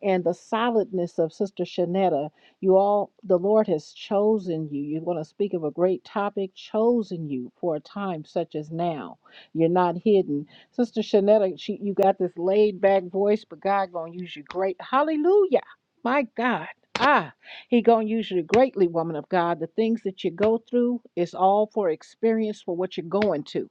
I: and the solidness of Sister Shanetta. You all, the Lord has chosen you. You want to speak of a great topic, chosen you for a time such as now. You're not hidden. Sister Shanetta, she, you got this laid back voice, but God going to use you great. Hallelujah. My God. Ah, he gonna use you greatly, woman of God. The things that you go through is all for experience for what you're going to.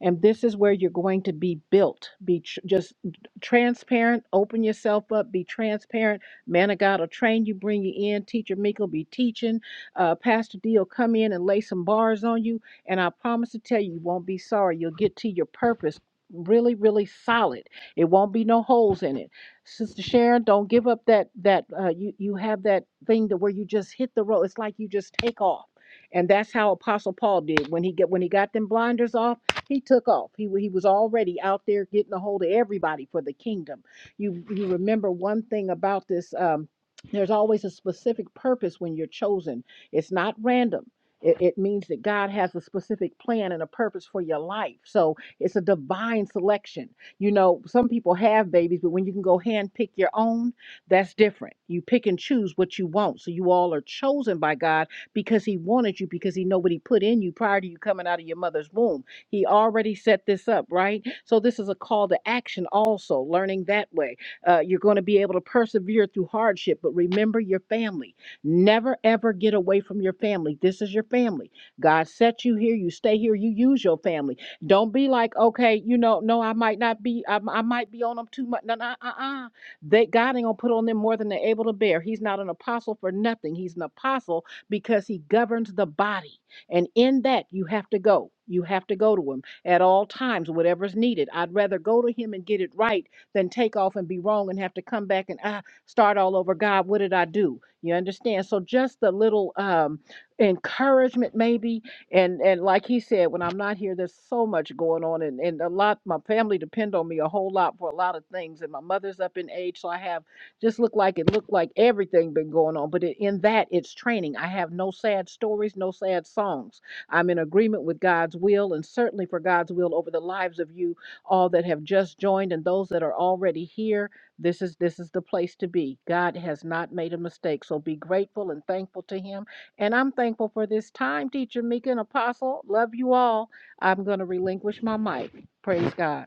I: And this is where you're going to be built. Be tr- just transparent. Open yourself up. Be transparent. Man of God will train you, bring you in. Teacher Meek will be teaching. Uh, Pastor D will come in and lay some bars on you. And I promise to tell you, you won't be sorry. You'll get to your purpose really, really solid. It won't be no holes in it. Sister Sharon, don't give up that that uh, you you have that thing to where you just hit the road. It's like you just take off. And that's how Apostle Paul did when he get when he got them blinders off he took off. He, he was already out there getting a hold of everybody for the kingdom. You, you remember one thing about this um, there's always a specific purpose when you're chosen, it's not random. It, it means that God has a specific plan and a purpose for your life. So it's a divine selection. You know, some people have babies, but when you can go hand pick your own, that's different. You pick and choose what you want. So you all are chosen by God because He wanted you, because He know what He put in you prior to you coming out of your mother's womb. He already set this up, right? So this is a call to action also, learning that way. Uh, you're going to be able to persevere through hardship, but remember your family. Never, ever get away from your family. This is your family. God set you here. You stay here. You use your family. Don't be like, okay, you know, no, I might not be, I, I might be on them too much. No, no, uh-uh. They, God ain't going to put on them more than they're able to bear. He's not an apostle for nothing. He's an apostle because he governs the body. And in that, you have to go. You have to go to him at all times, whatever's needed. I'd rather go to him and get it right than take off and be wrong and have to come back and ah, start all over. God, what did I do? You understand? So just a little um, encouragement, maybe. And and like he said, when I'm not here, there's so much going on, and and a lot. My family depend on me a whole lot for a lot of things, and my mother's up in age, so I have just looked like it looked like everything been going on. But it, in that, it's training. I have no sad stories, no sad songs. I'm in agreement with God's will and certainly for God's will over the lives of you all that have just joined and those that are already here. This is this is the place to be. God has not made a mistake, so be grateful and thankful to Him. And I'm thankful for this time, Teacher Mika and Apostle. Love you all. I'm going to relinquish my mic. Praise God.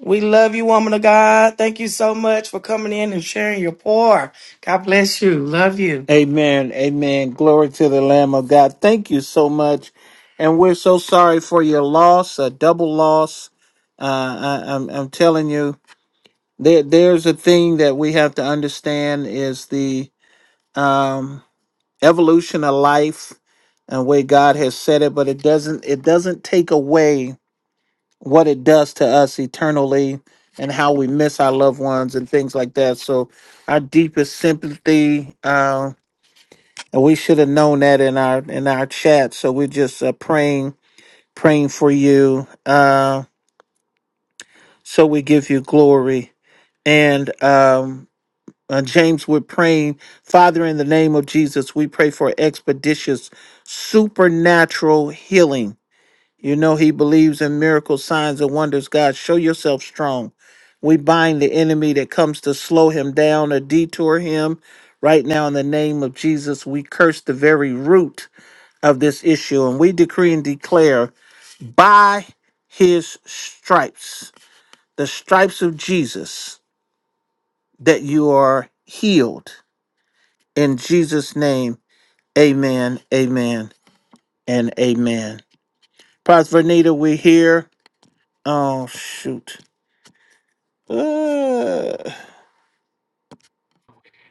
B: We love you, woman of God. Thank you so much for coming in and sharing your pour. God bless you. Love you.
A: Amen. Amen. Glory to the Lamb of God. Thank you so much. And we're so sorry for your loss, a double loss. Uh, I, I'm, I'm telling you, there, there's a thing that we have to understand is the um, evolution of life and way God has said it, but it doesn't it doesn't take away what it does to us eternally and how we miss our loved ones and things like that. So our deepest sympathy. Um, and we should have known that in our in our chat. So we're just uh, praying praying for you. Uh, so we give you glory. And um, uh, James, we're praying, Father, in the name of Jesus, we pray for expeditious supernatural healing. You know he believes in miracles, signs, and wonders. God, show yourself strong. We bind the enemy that comes to slow him down or detour him. Right now, in the name of Jesus, we curse the very root of this issue. And we decree and declare by his stripes, the stripes of Jesus, that you are healed. In Jesus' name, amen, amen, and amen. Pastor Vernita, we're here. Oh, shoot. Uh,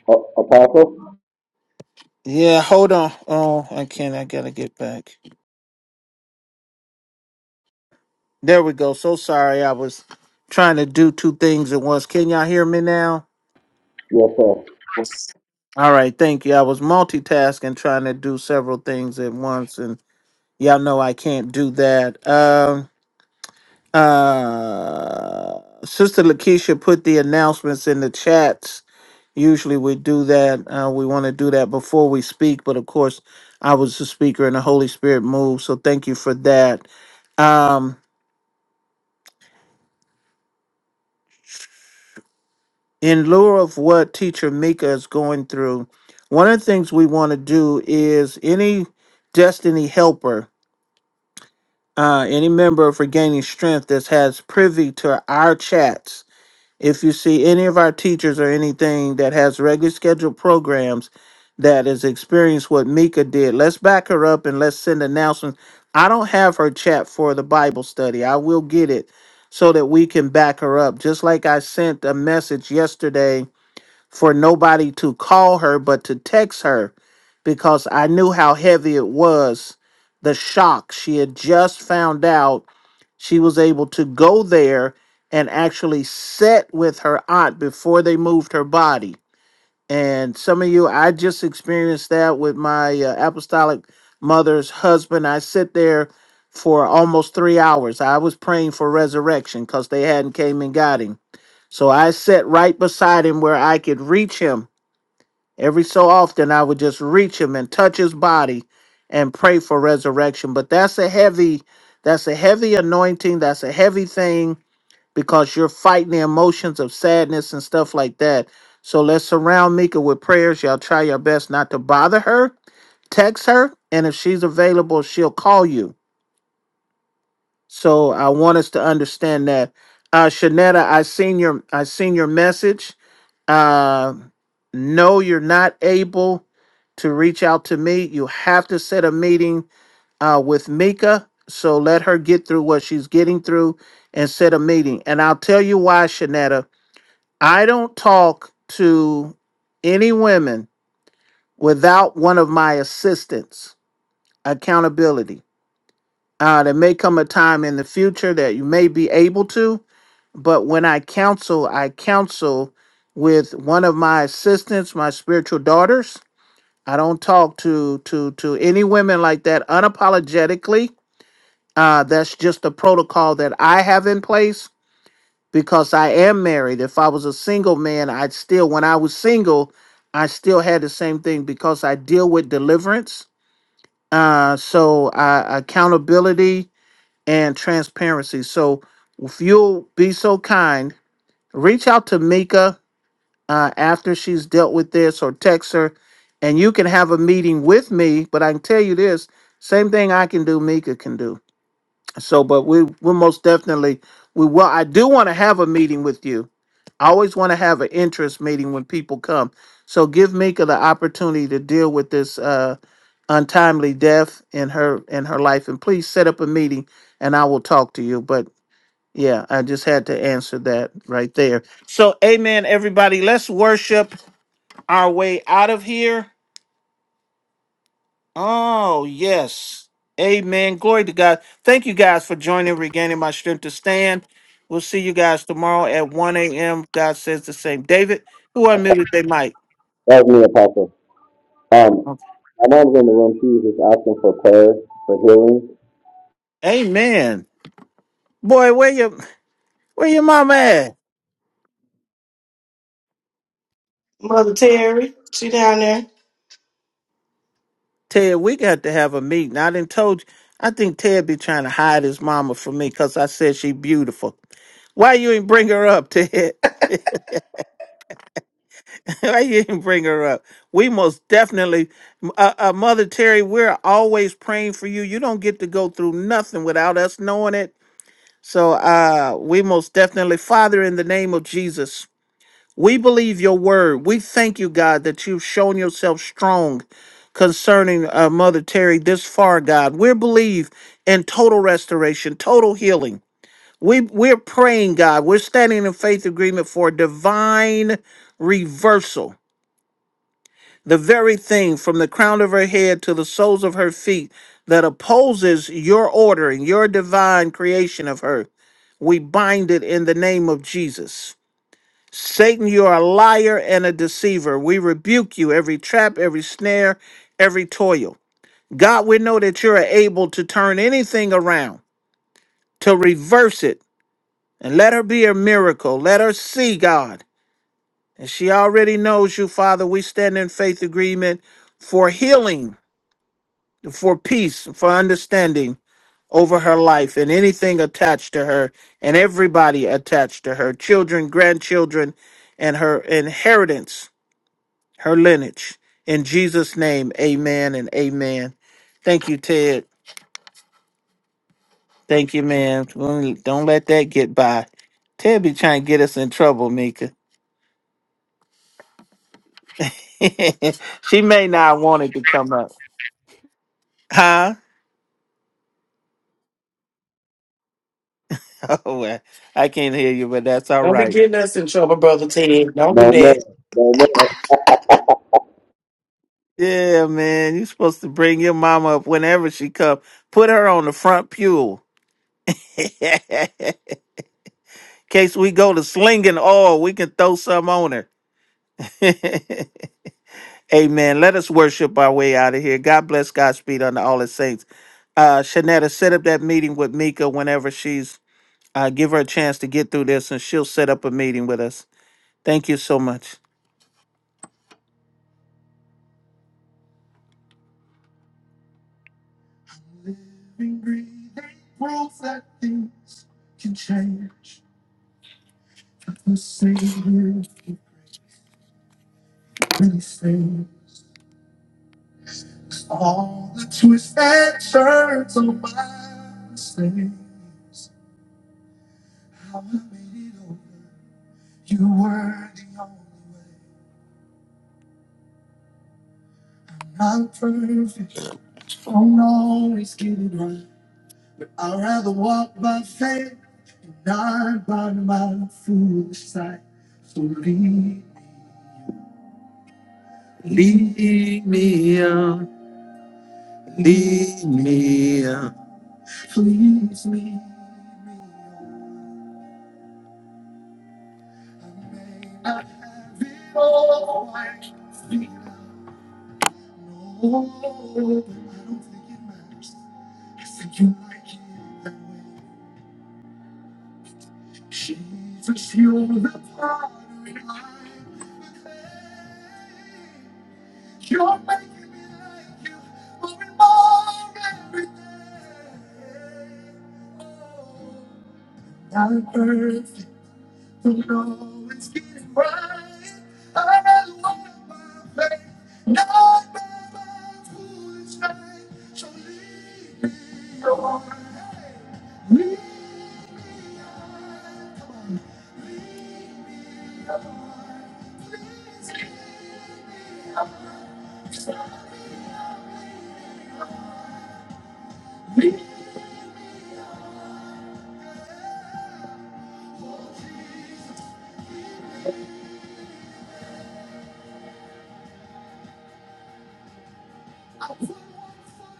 E: Oh, Apostle?
A: yeah, hold on. Oh, I can't. I gotta get back. There we go. So sorry. I was trying to do two things at once. Can y'all hear me now?
E: Yes, sir.
A: All right, thank you. I was multitasking, trying to do several things at once, and y'all know I can't do that. Um, uh, Sister Lakeisha put the announcements in the chats. Usually we do that. Uh, we want to do that before we speak, but of course, I was the speaker and the Holy Spirit moved, so thank you for that. Um, in lieu of what Teacher Mika is going through, one of the things we want to do is any destiny helper uh, any member of Regaining Strength that has privy to our chats, if you see any of our teachers or anything that has regular scheduled programs that has experienced what Mika did, let's back her up and let's send announcements. I don't have her chat for the Bible study. I will get it so that we can back her up. Just like I sent a message yesterday for nobody to call her but to text her because I knew how heavy it was the shock. She had just found out she was able to go there and actually sit with her aunt before they moved her body and some of you, I just experienced that with my uh, apostolic mother's husband. I sit there for almost three hours. I was praying for resurrection because they hadn't came and got him. So I sat right beside him where I could reach him. Every so often, I would just reach him and touch his body and pray for resurrection. But that's a heavy, that's a heavy anointing. That's a heavy thing because you're fighting the emotions of sadness and stuff like that. So let's surround Mika with prayers. Y'all try your best not to bother her, text her, and if she's available, she'll call you. So I want us to understand that. Uh Shanetta, I seen your I seen your message. Uh no, you're not able to reach out to me. You have to set a meeting uh with Mika. So let her get through what she's getting through and set a meeting. And I'll tell you why, Shanetta. I don't talk to any women without one of my assistants, accountability. Uh, there may come a time in the future that you may be able to, but when I counsel, I counsel with one of my assistants, my spiritual daughters. I don't talk to to to any women like that unapologetically. Uh, that's just the protocol that I have in place because I am married. If I was a single man, I'd still, when I was single, I still had the same thing because I deal with deliverance. Uh, so uh, accountability and transparency. So if you'll be so kind, reach out to Mika uh, after she's dealt with this or text her, and you can have a meeting with me. But I can tell you this same thing I can do, Mika can do. So, but we we most definitely we will. I do want to have a meeting with you. I always want to have an interest meeting when people come. So give Mika the opportunity to deal with this uh, untimely death in her in her life, and please set up a meeting, and I will talk to you. But yeah, I just had to answer that right there. So, Amen, everybody. Let's worship our way out of here. Oh, yes. Amen. Glory to God. Thank you guys for joining, regaining my strength to stand. We'll see you guys tomorrow at 1 a.m. God says the same. David, who unmuted they might.
E: That's me, Apostle. Um,
A: Okay.
E: my mom's in the room. She was just asking for prayer, for healing.
A: Amen. Boy, where your where your mama at?
B: Mother Terry, she down there.
A: Ted, we got to have a meeting. I didn't told you. I think Ted be trying to hide his mama from me because I said she beautiful. Why you ain't bring her up, Ted? I didn't bring her up. We most definitely, uh, uh, Mother Terry, we're always praying for you. You don't get to go through nothing without us knowing it. So uh, we most definitely, Father, in the name of Jesus, we believe your word. We thank you, God, that you've shown yourself strong concerning uh, Mother Terry this far, God. We believe in total restoration, total healing. We, we're praying, God. We're standing in faith agreement for divine reversal the very thing from the crown of her head to the soles of her feet that opposes your order and your divine creation of her. We bind it in the name of Jesus. Satan, you are a liar and a deceiver. We rebuke you every trap, every snare, every toil. God, we know that you're able to turn anything around, to reverse it, and let her be a miracle. Let her see God. And she already knows you, Father. We stand in faith agreement for healing for peace, for understanding over her life and anything attached to her and everybody attached to her, children, grandchildren, and her inheritance, her lineage. In Jesus' name, amen and amen. Thank you, Ted. Thank you, man. Don't let that get by. Ted be trying to get us in trouble, Mika. she may not want it to come up. Huh? Oh, well, I can't hear you, but that's all
B: Don't be
A: right.
B: getting us in trouble, Brother Ted.
E: No,
B: Don't
E: no,
B: do
E: no, no. I
A: Yeah, man, you supposed to bring your mama up whenever she come. Put her on the front pew. Case we go to slinging oil, we can throw some on her. Amen. Let us worship our way out of here. God bless Godspeed unto all his saints. Uh, Shanetta, set up that meeting with Mika whenever she's. Uh, give her a chance to get through this, and she'll set up a meeting with us. Thank you so much.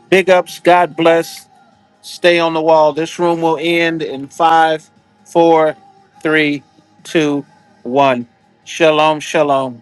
A: Big ups. God bless. Stay on the wall. This room will end in five, four, three, two, one. Shalom, shalom.